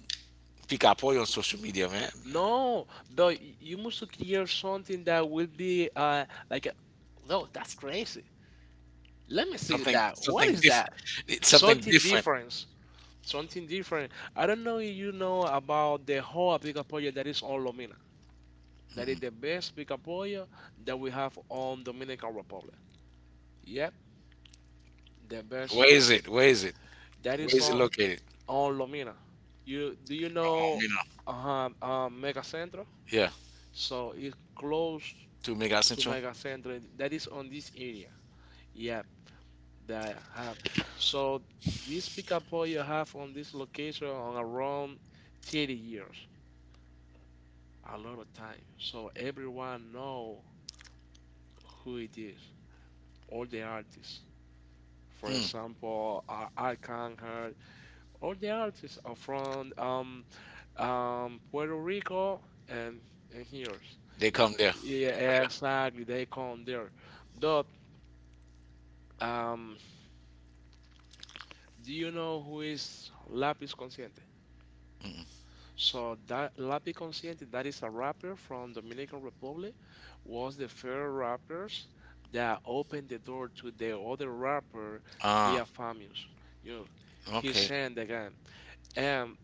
Speaker 1: Pika Pollo on social media, man.
Speaker 2: no, but you must to create something that will be like a, no, that's crazy. Let me see that. What
Speaker 1: Something
Speaker 2: is that?
Speaker 1: different. It's something
Speaker 2: Something
Speaker 1: different.
Speaker 2: different. Something different. I don't know if you know about the whole Apica project that is on Lomina. That is the
Speaker 1: Mm-mm.
Speaker 2: best pica pollo that we have on Dominican Republic. Yep, the best.
Speaker 1: Where is it?
Speaker 2: That
Speaker 1: Where
Speaker 2: is
Speaker 1: is it
Speaker 2: on
Speaker 1: located?
Speaker 2: on Lomina. You
Speaker 1: Oh,
Speaker 2: know
Speaker 1: you know.
Speaker 2: Mega Centro?
Speaker 1: Yeah,
Speaker 2: So it's close
Speaker 1: two mega
Speaker 2: to
Speaker 1: central.
Speaker 2: Mega Centro. That is on this area. Yep, that I have. So this pickup point you have on this location on around 30 years, a lot of time. So everyone know who it is, all the artists. For
Speaker 1: Hmm.
Speaker 2: example, Alcan Hart, all the artists are from Puerto Rico and and here.
Speaker 1: They
Speaker 2: Y-
Speaker 1: come there.
Speaker 2: Yeah,
Speaker 1: They go
Speaker 2: exactly. They come there. But um, do you know who is Lapis Consciente?
Speaker 1: there.
Speaker 2: So that Lapis Consciente, that is a rapper from Dominican Republic, was the first rappers that opened the door to the other rapper,
Speaker 1: Ah,
Speaker 2: Via famous. You know, he
Speaker 1: okay.
Speaker 2: sang again. And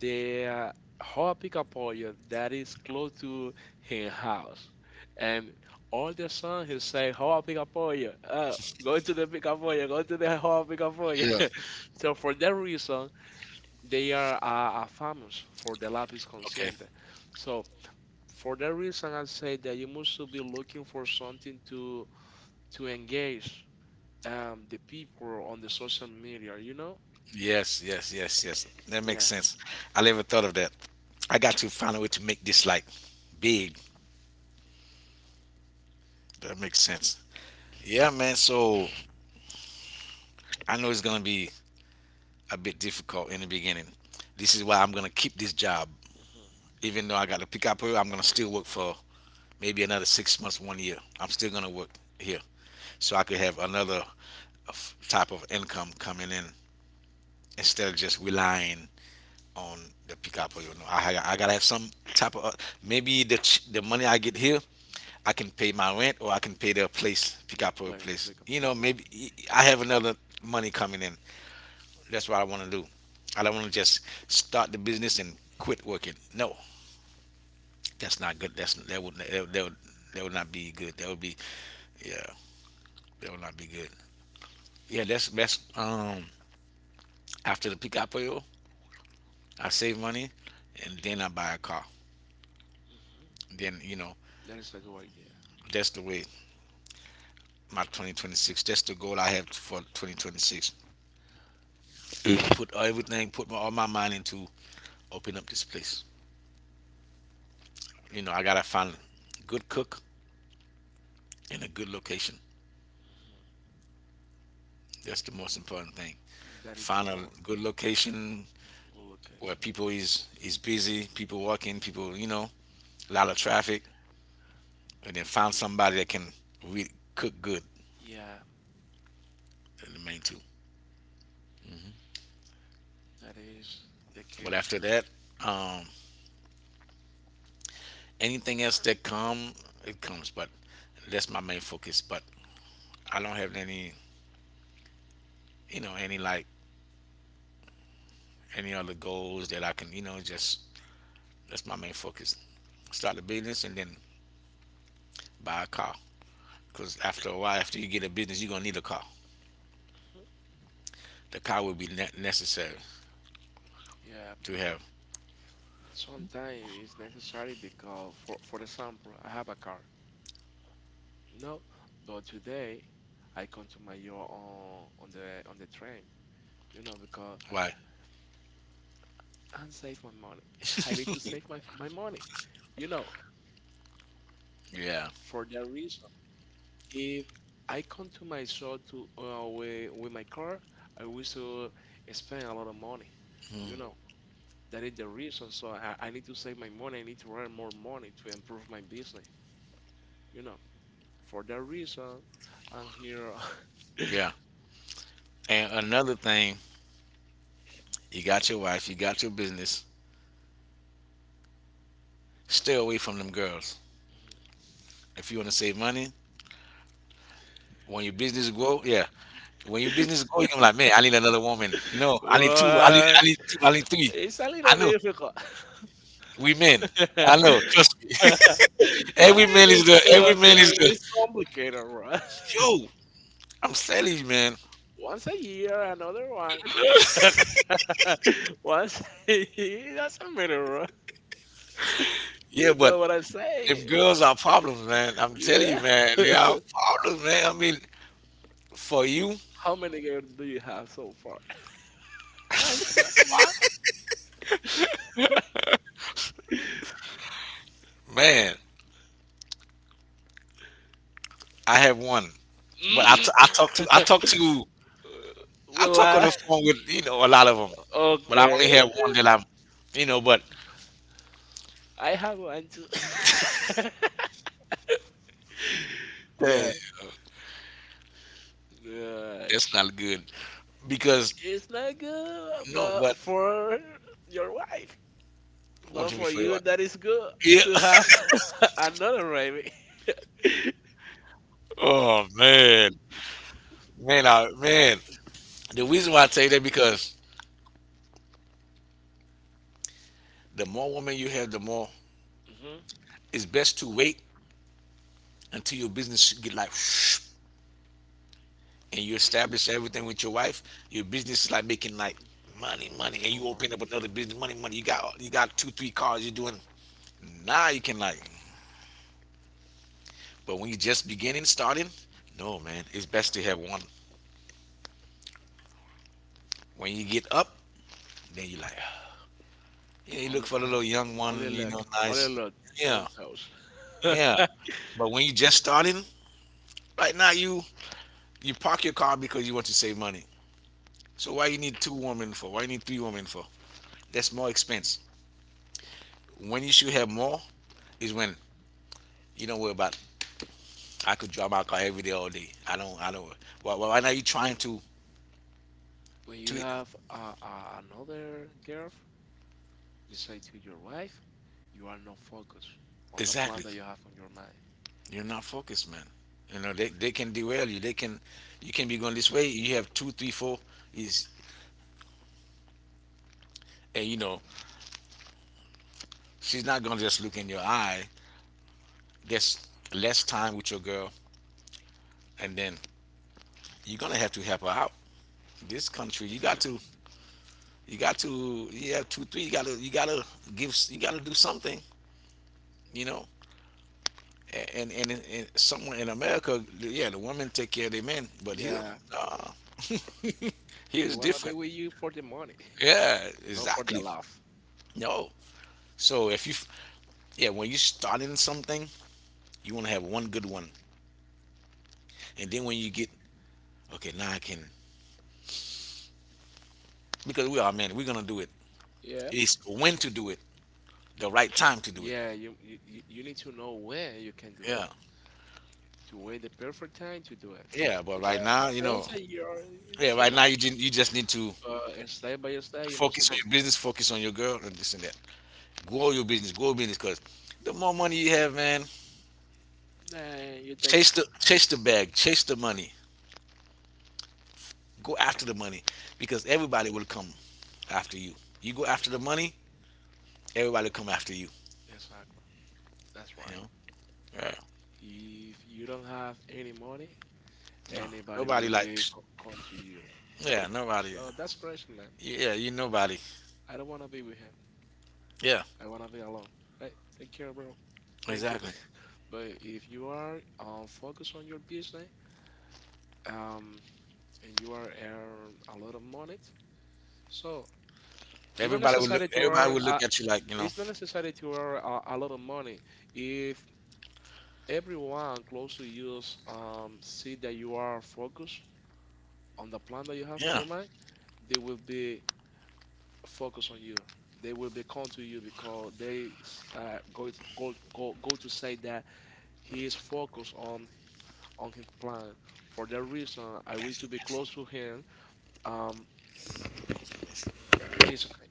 Speaker 2: the whole pickup pole that is close to his house. And all the song he say, "Hoa pickup pole, go to the pickup pole, go to the hoa pickup pole."
Speaker 1: Yeah.
Speaker 2: [laughs] So for that reason, they are famous for the lapis
Speaker 1: Okay.
Speaker 2: consciente. So for that reason, I say that you must to be looking for something to engage the people on the social media. You know?
Speaker 1: Yes, yes, yes, yes. That makes
Speaker 2: Yeah.
Speaker 1: sense. I never thought of that. I got to find a way to make this like big. That makes sense. Yeah, man. So I know it's gonna be a bit difficult in the beginning. This is why I'm gonna keep this job, even though I got to pick up here. I'm gonna still work for maybe another 6 months, 1 year. I'm still gonna work here, so I could have another of type of income coming in instead of just relying on the pickup. Or, you know, I gotta have some type of maybe the money I get here, I can pay my rent or I can pay the place
Speaker 2: The
Speaker 1: pickup or
Speaker 2: players play
Speaker 1: place.
Speaker 2: a
Speaker 1: You
Speaker 2: play.
Speaker 1: know, maybe I have another money coming in. That's what I want to do. I don't want to just start the business and quit working. No, that's not good. That's that would that would, that would, that would not be good. That would be yeah, that would not be good. Yeah, that's after the pickup I save money and then I buy a car.
Speaker 2: Mhm.
Speaker 1: Then, you know,
Speaker 2: That is a good idea.
Speaker 1: that's the way my 2026, that's the goal I have for 2026. Put everything, all my mind into open up this place. You know, I gotta find a good cook and a good location.
Speaker 2: Mhm.
Speaker 1: That's the most important thing.
Speaker 2: That is a
Speaker 1: Find a
Speaker 2: more
Speaker 1: good location
Speaker 2: good
Speaker 1: where
Speaker 2: location.
Speaker 1: people is busy, people walking, people, you know, a lot of traffic, and then find somebody that can cook good.
Speaker 2: Yeah,
Speaker 1: The main two.
Speaker 2: that is the
Speaker 1: But
Speaker 2: keeps.
Speaker 1: after that, um, anything else that come, it comes. But that's my main focus. But I don't have any, you know, any like any other goals that I can, you know, just that's my main focus. Start a business and then buy a car. Because after a while, after you get a business, you're gonna need a car.
Speaker 2: Mhm.
Speaker 1: The car will be necessary
Speaker 2: Yeah,
Speaker 1: to have.
Speaker 2: sometimes it's necessary because, for example, I have a car. No, but today I come to my job on the train. You know, because
Speaker 1: Why?
Speaker 2: and save my money. [laughs] I need to save my money. You know,
Speaker 1: Yeah,
Speaker 2: for that reason. If I come to my shop to with my car, I wish to spend a lot of money. You know, that is the reason. So I need to save my money. I need to earn more money to improve my business. You know, for that reason, I'm here.
Speaker 1: yeah. And another thing, you got your wife, you got your business. Stay away from them girls.
Speaker 2: [laughs]
Speaker 1: If you want to save money, when your business grow, yeah. When your business going, I'm like, man, I need another woman. No, I need two. I
Speaker 2: What?
Speaker 1: need two. I need three.
Speaker 2: It's a
Speaker 1: I
Speaker 2: little
Speaker 1: know.
Speaker 2: difficult. [laughs]
Speaker 1: We men. I know. Trust me. [laughs]
Speaker 2: It's a
Speaker 1: Every
Speaker 2: little
Speaker 1: man is
Speaker 2: difficult.
Speaker 1: the.
Speaker 2: It's complicated, right? [laughs]
Speaker 1: Yo, I'm telling you, man.
Speaker 2: Once a year, another one.
Speaker 1: [laughs]
Speaker 2: [laughs] Once a year, that's a minimum.
Speaker 1: Yeah,
Speaker 2: You
Speaker 1: but
Speaker 2: know what I
Speaker 1: them
Speaker 2: say?
Speaker 1: girls are problems, man. I'm telling you,
Speaker 2: Yeah.
Speaker 1: man. They are
Speaker 2: [laughs]
Speaker 1: problems, man. I mean, for you,
Speaker 2: How many girls do you have so far? [laughs] Just one. [laughs]
Speaker 1: [laughs] man, I have one, but
Speaker 2: Mm.
Speaker 1: I talk to
Speaker 2: [laughs]
Speaker 1: I
Speaker 2: Will
Speaker 1: talk on
Speaker 2: I?
Speaker 1: the phone with, you know, a lot of them, but I only
Speaker 2: Okay.
Speaker 1: have one that I'm, you know, but.
Speaker 2: I have one too. [laughs] Yeah. Yeah.
Speaker 1: That's not good because
Speaker 2: It's not good,
Speaker 1: no,
Speaker 2: but
Speaker 1: but
Speaker 2: for your wife.
Speaker 1: what
Speaker 2: But
Speaker 1: you mean
Speaker 2: for
Speaker 1: for you?
Speaker 2: you, that is good
Speaker 1: Yeah.
Speaker 2: to
Speaker 1: [laughs]
Speaker 2: have [laughs] another rabbit. [laughs]
Speaker 1: Oh man, man. The reason why I tell you that because the more women you have, the more
Speaker 2: Hmm.
Speaker 1: it's best to wait until your business get like [sniffs] and you establish everything with your wife. Your business is like making like money, money, and
Speaker 2: More
Speaker 1: you open
Speaker 2: money.
Speaker 1: up another business, money, money. You got two, three cars. You're doing now. You can like, but when you just beginning, starting, no man, it's best to have one. When you get up, then you like. Yeah, you look
Speaker 2: Only,
Speaker 1: for a little young one,
Speaker 2: only
Speaker 1: you know,
Speaker 2: look,
Speaker 1: nice. Yeah,
Speaker 2: don't touch.
Speaker 1: yeah.
Speaker 2: [laughs]
Speaker 1: But when you just starting, right now you park your car because you want to save money. So why you need two women for? Why you need three women for? That's more expense. When you should have more is when you don't worry about. I could drive my car every day, all day. I don't. Why now you trying
Speaker 2: When
Speaker 1: to
Speaker 2: you have another girl beside to your wife, you are not focused on the
Speaker 1: exactly?
Speaker 2: plan that you have on your mind.
Speaker 1: You're not focused, man. You know they can derail you. They can you can be going this way. You have two, three, four is and you know she's not gonna just look in your eye. There's less time with your girl, and then you're gonna have to help her out. This country, you
Speaker 2: Hmm.
Speaker 1: got to, you got to, you have two, three. You gotta give, you gotta do something, you know. And somewhere in America, yeah, the women take care of the men, but here,
Speaker 2: Yeah,
Speaker 1: nah. [laughs]
Speaker 2: they
Speaker 1: Here's
Speaker 2: wanna be
Speaker 1: different.
Speaker 2: with you for the money,
Speaker 1: Yeah,
Speaker 2: [laughs] not for the
Speaker 1: exactly.
Speaker 2: love.
Speaker 1: No. So if you, yeah, when you start in something, you want to have one good one, and then when you get, okay, now I can, because we are men, we're gonna do it.
Speaker 2: Yeah.
Speaker 1: It's when to do it. The right time to do it.
Speaker 2: Yeah, you need to know where you can do it,
Speaker 1: Yeah,
Speaker 2: to where the perfect time to do it.
Speaker 1: yeah. But right
Speaker 2: Because
Speaker 1: now, you know,
Speaker 2: once a year, it
Speaker 1: yeah, right
Speaker 2: doesn't
Speaker 1: now you
Speaker 2: matter.
Speaker 1: didn't, you just need to
Speaker 2: But it's step by step, you must
Speaker 1: focus on
Speaker 2: do it.
Speaker 1: your business, focus on your girl, and this and that. Grow your business, grow business, because the more money you have, man,
Speaker 2: Nah, you take. Oh,
Speaker 1: chase the bag, chase the money, go after the money, because everybody will come after you. You go after the money, everybody will come after you.
Speaker 2: exactly. That's
Speaker 1: You know,
Speaker 2: right.
Speaker 1: yeah,
Speaker 2: If you don't have any money,
Speaker 1: no,
Speaker 2: anybody
Speaker 1: nobody
Speaker 2: will be
Speaker 1: likes,
Speaker 2: come to you.
Speaker 1: yeah, nobody,
Speaker 2: So that's crazy, man.
Speaker 1: yeah, you nobody,
Speaker 2: I don't want to be with him.
Speaker 1: yeah,
Speaker 2: I wanna be alone. Hey, take care, bro. Thank you.
Speaker 1: exactly.
Speaker 2: [laughs] But if you are focused on your business um, and you are earn a lot of money, so it's not necessary to
Speaker 1: Everybody
Speaker 2: earn.
Speaker 1: will look
Speaker 2: A,
Speaker 1: at you like, you know,
Speaker 2: it's not necessary to earn a lot of money. If everyone close to you see that you are focused on the plan that you have on
Speaker 1: yeah.
Speaker 2: your mind, they will be focused on you. They will be come to you because they go, to say that he is focused on his plan. For that reason, I wish to be close to him. Um, it's okay.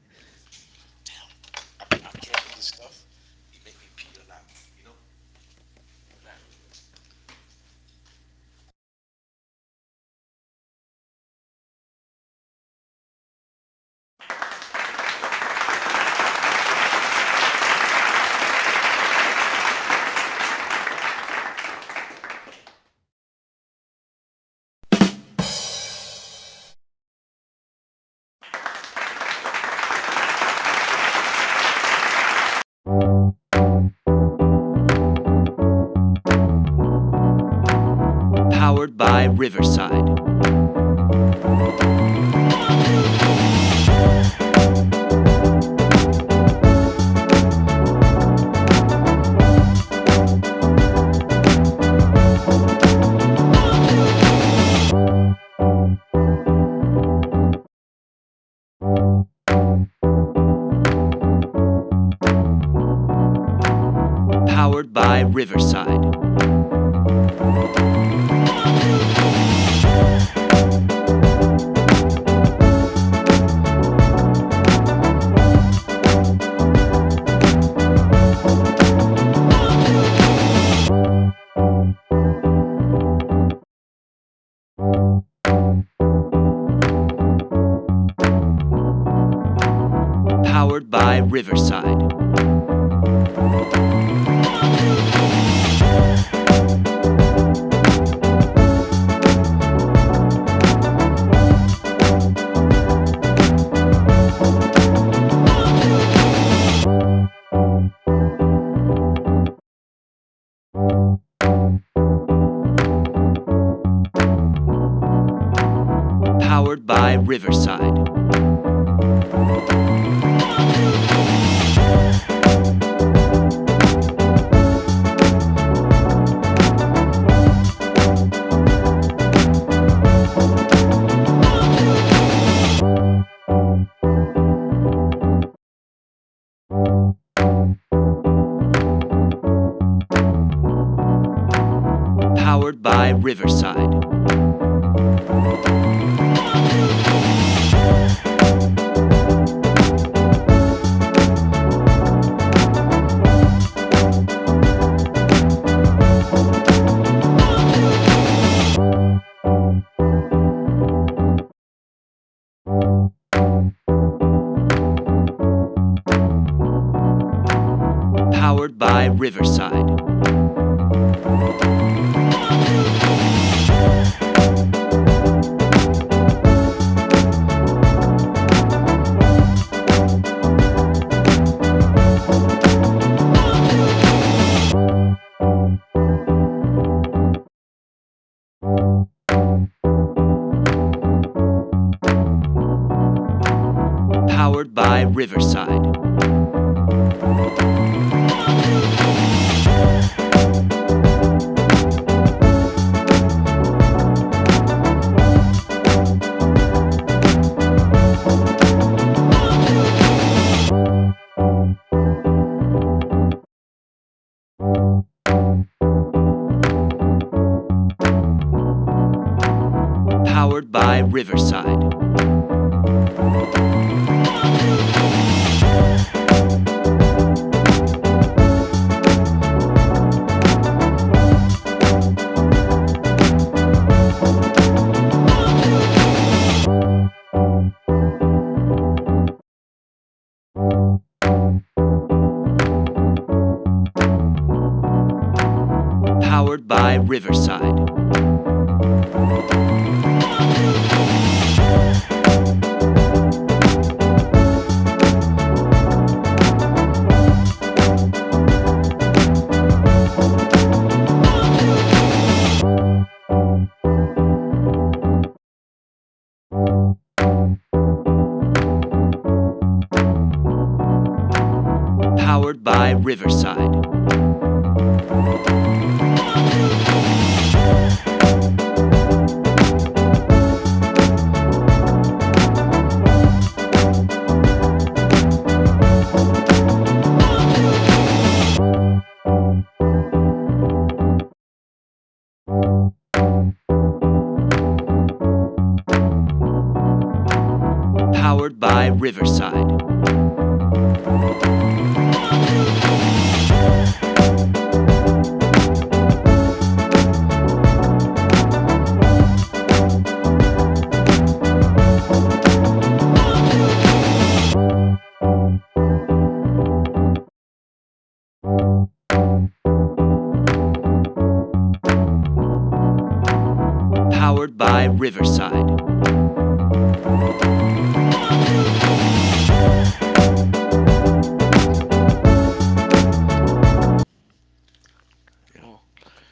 Speaker 2: Oh, okay.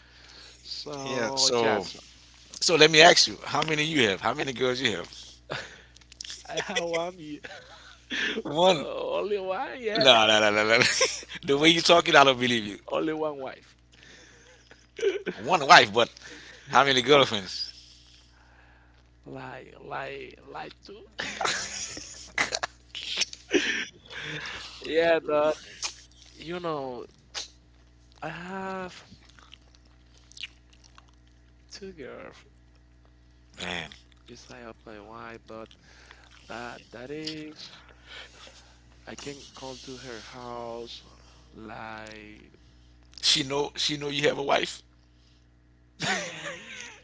Speaker 1: Yeah.
Speaker 2: So
Speaker 1: So
Speaker 2: Jackson,
Speaker 1: so let me ask you, how many you have? How many girls you have?
Speaker 2: I [laughs] have one. [laughs]
Speaker 1: One.
Speaker 2: Only one, yeah. [laughs]
Speaker 1: No, no, no, no, no. [laughs] The way you talking, I don't believe you.
Speaker 2: Only one wife.
Speaker 1: One wife, but how many girlfriends?
Speaker 2: Like two. [laughs]
Speaker 1: [laughs]
Speaker 2: Yeah, but you know, I have two girls
Speaker 1: Man,
Speaker 2: beside of my wife, but that is I can come to her house like
Speaker 1: she know you have a wife.
Speaker 2: [laughs]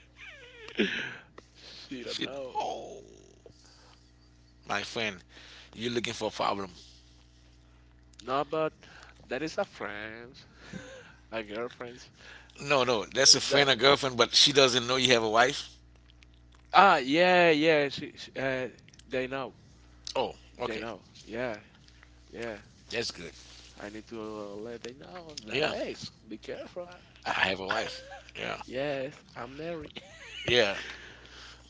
Speaker 2: [laughs] she don't
Speaker 1: She,
Speaker 2: know.
Speaker 1: oh my friend, you're looking for a problem.
Speaker 2: No, but that is a friend, a girlfriend.
Speaker 1: No, no,
Speaker 2: Uh,
Speaker 1: that's a
Speaker 2: That,
Speaker 1: friend or girlfriend, but she doesn't know you have a wife.
Speaker 2: yeah, yeah. They know.
Speaker 1: Oh,
Speaker 2: They
Speaker 1: okay,
Speaker 2: know. Yeah, yeah.
Speaker 1: that's good.
Speaker 2: I need to let they know that.
Speaker 1: Yeah,
Speaker 2: Hey, be careful. Ah,
Speaker 1: I have a wife. Yeah,
Speaker 2: [laughs] yes, I'm married. [laughs]
Speaker 1: yeah.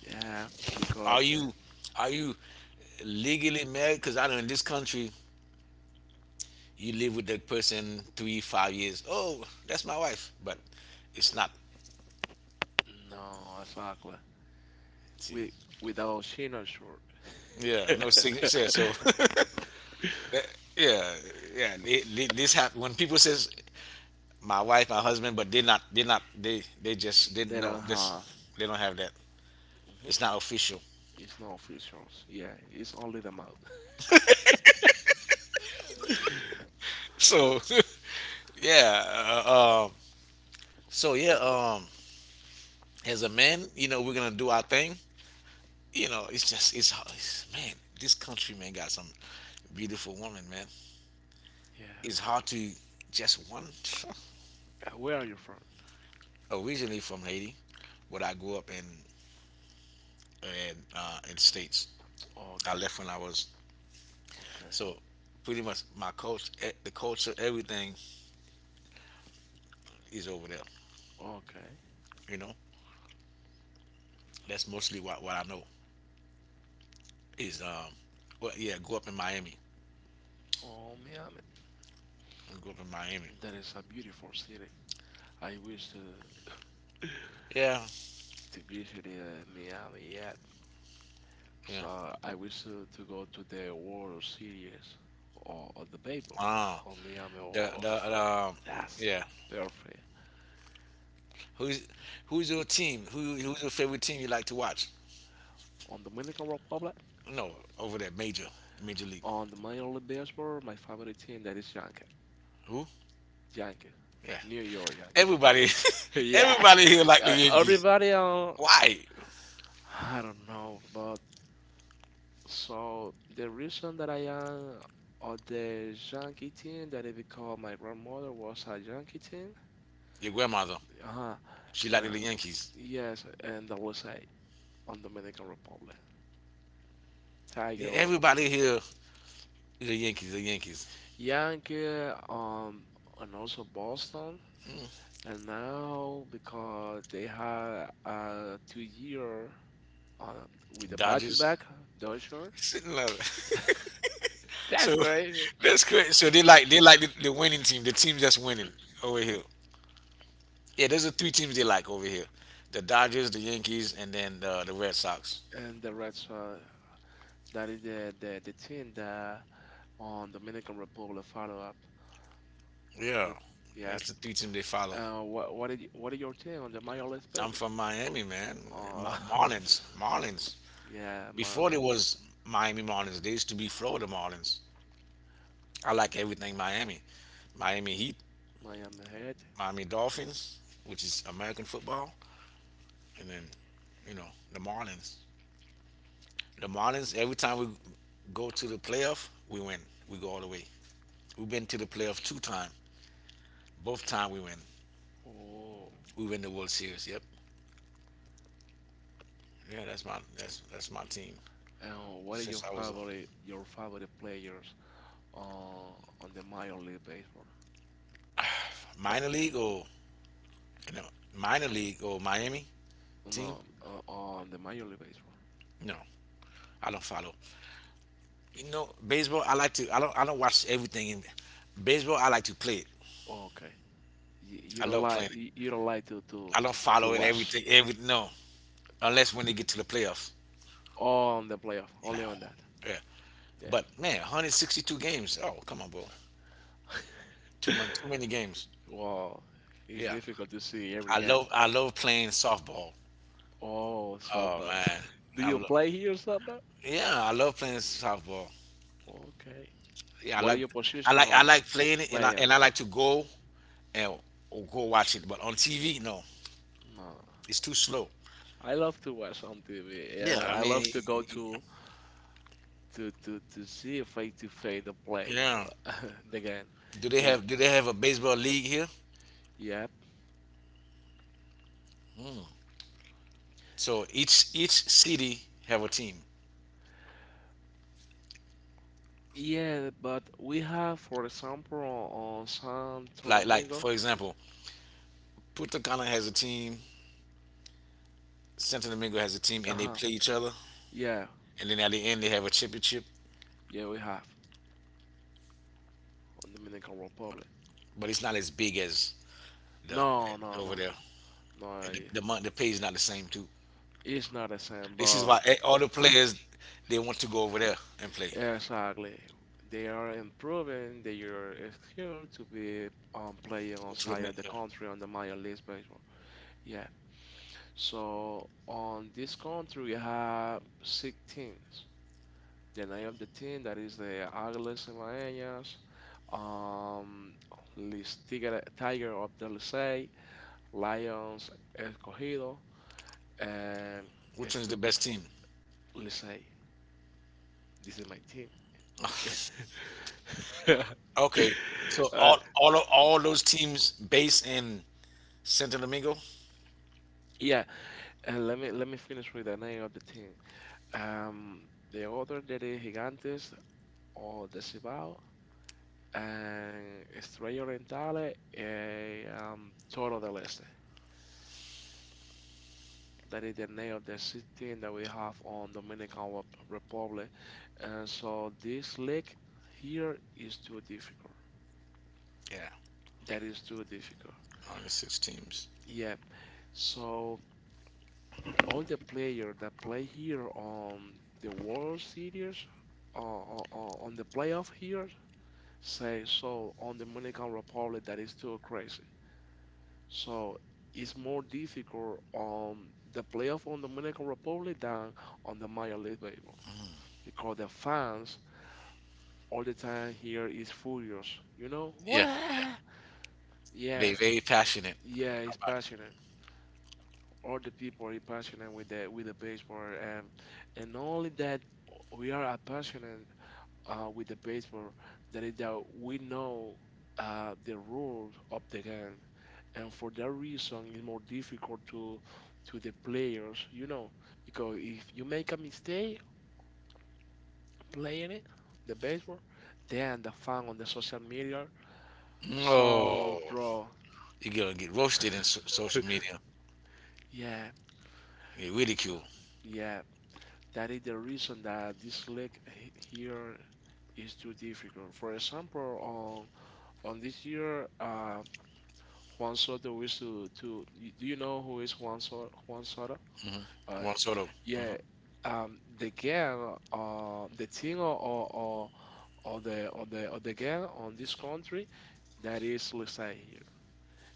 Speaker 2: Yeah, because
Speaker 1: Are you are you legally married? Because I know in this country, you live with that person three, 5 years. Oh, that's my wife, but it's not.
Speaker 2: no, exactly.
Speaker 1: See,
Speaker 2: We without she not sure.
Speaker 1: yeah, no signatures. Yeah, so,
Speaker 2: [laughs]
Speaker 1: [laughs] that, yeah, yeah. This happen when people says my wife, my husband, but they not, they just didn't
Speaker 2: They
Speaker 1: know
Speaker 2: don't
Speaker 1: this.
Speaker 2: have.
Speaker 1: They don't have that. It's not
Speaker 2: Hmm.
Speaker 1: official.
Speaker 2: It's not officials. Yeah, it's only the mouth. [laughs]
Speaker 1: So, [laughs] yeah. Uh, um, so yeah. As a man, you know, we're gonna do our thing. You know, it's just, it's, it's man, this country man got some beautiful woman, man.
Speaker 2: Yeah.
Speaker 1: It's hard to just one.
Speaker 2: Where are you from?
Speaker 1: Originally from Haiti, but I grew up in states.
Speaker 2: Oh,
Speaker 1: I
Speaker 2: okay.
Speaker 1: left when I
Speaker 2: I
Speaker 1: was
Speaker 2: when I was okay.
Speaker 1: so pretty much my culture, the culture, everything is over there.
Speaker 2: Okay.
Speaker 1: You know, that's mostly what I know is well yeah, grew up in Miami.
Speaker 2: Oh, Miami.
Speaker 1: I grew up in Miami.
Speaker 2: That is a beautiful city. I wish
Speaker 1: Yeah,
Speaker 2: to visit Miami yet.
Speaker 1: yeah.
Speaker 2: So I wish to go to the World Series or the baseball
Speaker 1: Wow.
Speaker 2: or Miami Off.
Speaker 1: The
Speaker 2: That's
Speaker 1: yeah.
Speaker 2: yeah. Perfect.
Speaker 1: Who's who's your team? Who's your favorite team you like to watch?
Speaker 2: On Dominican Republic,
Speaker 1: No, over there, major league.
Speaker 2: on the Major League Baseball, my favorite team that is Yankee.
Speaker 1: Who?
Speaker 2: Yankee.
Speaker 1: Yeah.
Speaker 2: New York
Speaker 1: Everybody,
Speaker 2: Yankee.
Speaker 1: [laughs]
Speaker 2: [laughs] Yeah.
Speaker 1: everybody here like the Yankees.
Speaker 2: Everybody on
Speaker 1: Why?
Speaker 2: I don't know, but so the reason that I am on the Yankee team that is because my grandmother was a Yankee team.
Speaker 1: Your grandmother.
Speaker 2: Uh-huh.
Speaker 1: She liked
Speaker 2: Yeah.
Speaker 1: the Yankees.
Speaker 2: Yes, and the USA on Dominican Republic.
Speaker 1: Yeah,
Speaker 2: Tiger.
Speaker 1: everybody here is the Yankees, the Yankees.
Speaker 2: Yankee, um, and also Boston. And now, because they had a two-year uh, with a
Speaker 1: Dodgers.
Speaker 2: back-to-back Dodgers,
Speaker 1: [laughs] Love
Speaker 2: that's
Speaker 1: so
Speaker 2: crazy.
Speaker 1: that's great. So they like the winning team, the team that's winning over here. Yeah, there's the three teams they like over here: the Dodgers, the Yankees, and then the Red Sox.
Speaker 2: And the Red Sox, that is the team that on Dominican Republic follow up.
Speaker 1: Yeah,
Speaker 2: The, yeah.
Speaker 1: that's the three teams they follow.
Speaker 2: What is your team on the Major League
Speaker 1: I'm
Speaker 2: Baseball?
Speaker 1: from Miami, man.
Speaker 2: Oh,
Speaker 1: Marlins.
Speaker 2: [laughs] yeah,
Speaker 1: Before
Speaker 2: Miami.
Speaker 1: there was Miami Marlins, they used to be Florida Marlins. I like everything Miami, Miami Heat.
Speaker 2: Miami Heat.
Speaker 1: Miami Dolphins, which is American football, and then you know the Marlins. The Marlins. Every time we go to the playoff, we win. We go all the way. We've been to the playoff 2 times. Both time we win.
Speaker 2: Oh,
Speaker 1: We win the World Series. Yep. Yeah, that's my that's my team.
Speaker 2: and what are your
Speaker 1: Since I was a
Speaker 2: favorite players on the minor league baseball? What?
Speaker 1: minor league or you know minor league or Miami team.
Speaker 2: No, on the minor league baseball.
Speaker 1: No, I don't follow. You know baseball. I like to. I don't watch everything in baseball. I like to play it.
Speaker 2: Oh, okay.
Speaker 1: I love playing it.
Speaker 2: You, you don't like
Speaker 1: I don't
Speaker 2: to
Speaker 1: follow it.
Speaker 2: watch.
Speaker 1: Every no. Unless when they get to
Speaker 2: [laughs]
Speaker 1: the playoff.
Speaker 2: Oh, on the playoff,
Speaker 1: You know,
Speaker 2: only on that.
Speaker 1: yeah.
Speaker 2: Yeah.
Speaker 1: But man, 162 games. Oh, come on, bro. Too much, too many games.
Speaker 2: Wow, it's
Speaker 1: Yeah.
Speaker 2: difficult to see every game.
Speaker 1: I love playing softball.
Speaker 2: Oh,
Speaker 1: Oh
Speaker 2: softball.
Speaker 1: man,
Speaker 2: [laughs] Do
Speaker 1: I
Speaker 2: you
Speaker 1: love.
Speaker 2: play here, softball?
Speaker 1: Yeah, I love playing softball.
Speaker 2: Okay.
Speaker 1: Yeah,
Speaker 2: What are your
Speaker 1: I
Speaker 2: position
Speaker 1: like playing it, and
Speaker 2: playing?
Speaker 1: I like to go and go watch it. But on TV, no,
Speaker 2: No,
Speaker 1: it's too slow.
Speaker 2: I love to watch on TV.
Speaker 1: Yeah,
Speaker 2: Yeah,
Speaker 1: I
Speaker 2: I
Speaker 1: mean,
Speaker 2: love to go to see a face to face the play
Speaker 1: yeah.
Speaker 2: [laughs] the game. Yeah,
Speaker 1: Do they have a baseball league here?
Speaker 2: yep,
Speaker 1: So each city have a team.
Speaker 2: yeah. But we have, for example, on Santo
Speaker 1: Like
Speaker 2: Domingo.
Speaker 1: for example, Puerto Rico has a team, Santo Domingo has a team,
Speaker 2: Uh
Speaker 1: and they
Speaker 2: huh.
Speaker 1: play each other.
Speaker 2: Yeah,
Speaker 1: And then at the end, they have a championship,
Speaker 2: yeah, we have on Dominican Republic.
Speaker 1: but it's not as big as the
Speaker 2: No, no,
Speaker 1: over
Speaker 2: no,
Speaker 1: there.
Speaker 2: no.
Speaker 1: And
Speaker 2: Yeah.
Speaker 1: the month, the pay is not the same too.
Speaker 2: It's not the same,
Speaker 1: This is
Speaker 2: but.
Speaker 1: why eh, all the players they want to go over there and play.
Speaker 2: Exactly. They are improving their skill to be playing
Speaker 1: Go to the
Speaker 2: outside
Speaker 1: main-
Speaker 2: of the
Speaker 1: yeah.
Speaker 2: country on the minor league baseball. Yeah. So on this country we have six teams. The name of the team that is the Águilas Cibaeñas, um, Lis Tigre, Tiger of the Licey, Lions Escogido, and
Speaker 1: Which one's
Speaker 2: Estu-
Speaker 1: the best team?
Speaker 2: Licey. This is my team. [laughs] [laughs]
Speaker 1: Okay, so
Speaker 2: Uh,
Speaker 1: all those teams based in Santo Domingo.
Speaker 2: yeah, let me finish with the name of the team. Um, the other that is Gigantes or the Cibao and Estrella Orientale and Toro del Este. That is the name of the city that we have on Dominican Republic. And so this league here is too difficult.
Speaker 1: Yeah,
Speaker 2: That is too difficult.
Speaker 1: only six teams.
Speaker 2: Yep. So all the players that play here on the World Series, on the playoff here, say so on the Dominican Republic that is too crazy. So it's more difficult on the playoff on the Dominican Republic than on the Major League Baseball because the fans all the time here is furious. You know
Speaker 1: Yeah,
Speaker 2: what? Yeah,
Speaker 1: they very passionate.
Speaker 2: yeah, it's
Speaker 1: About
Speaker 2: passionate. All the people are passionate with the baseball and not only that we are passionate with the baseball that is that we know the rules of the game and for that reason it's more difficult to the players you know because if you make a mistake playing it the baseball then the fan on the social media
Speaker 1: it. Oh,
Speaker 2: so bro
Speaker 1: you're gonna get roasted in social media.
Speaker 2: yeah
Speaker 1: You get
Speaker 2: f-
Speaker 1: ridiculed.
Speaker 2: yeah that is the reason that this league here is too difficult. For example, on this year, Juan Soto is Do you know who is Juan Soto? Juan Soto?
Speaker 1: Hmm.
Speaker 2: Uh,
Speaker 1: Juan Soto.
Speaker 2: yeah. The gang, the thing or the or the or the gang on this country, that is Lisa here.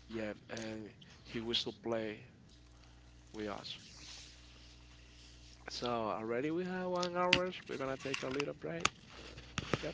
Speaker 2: Yeah, and he will to play with us. So already we have one hours. We're gonna take a little break. Yep.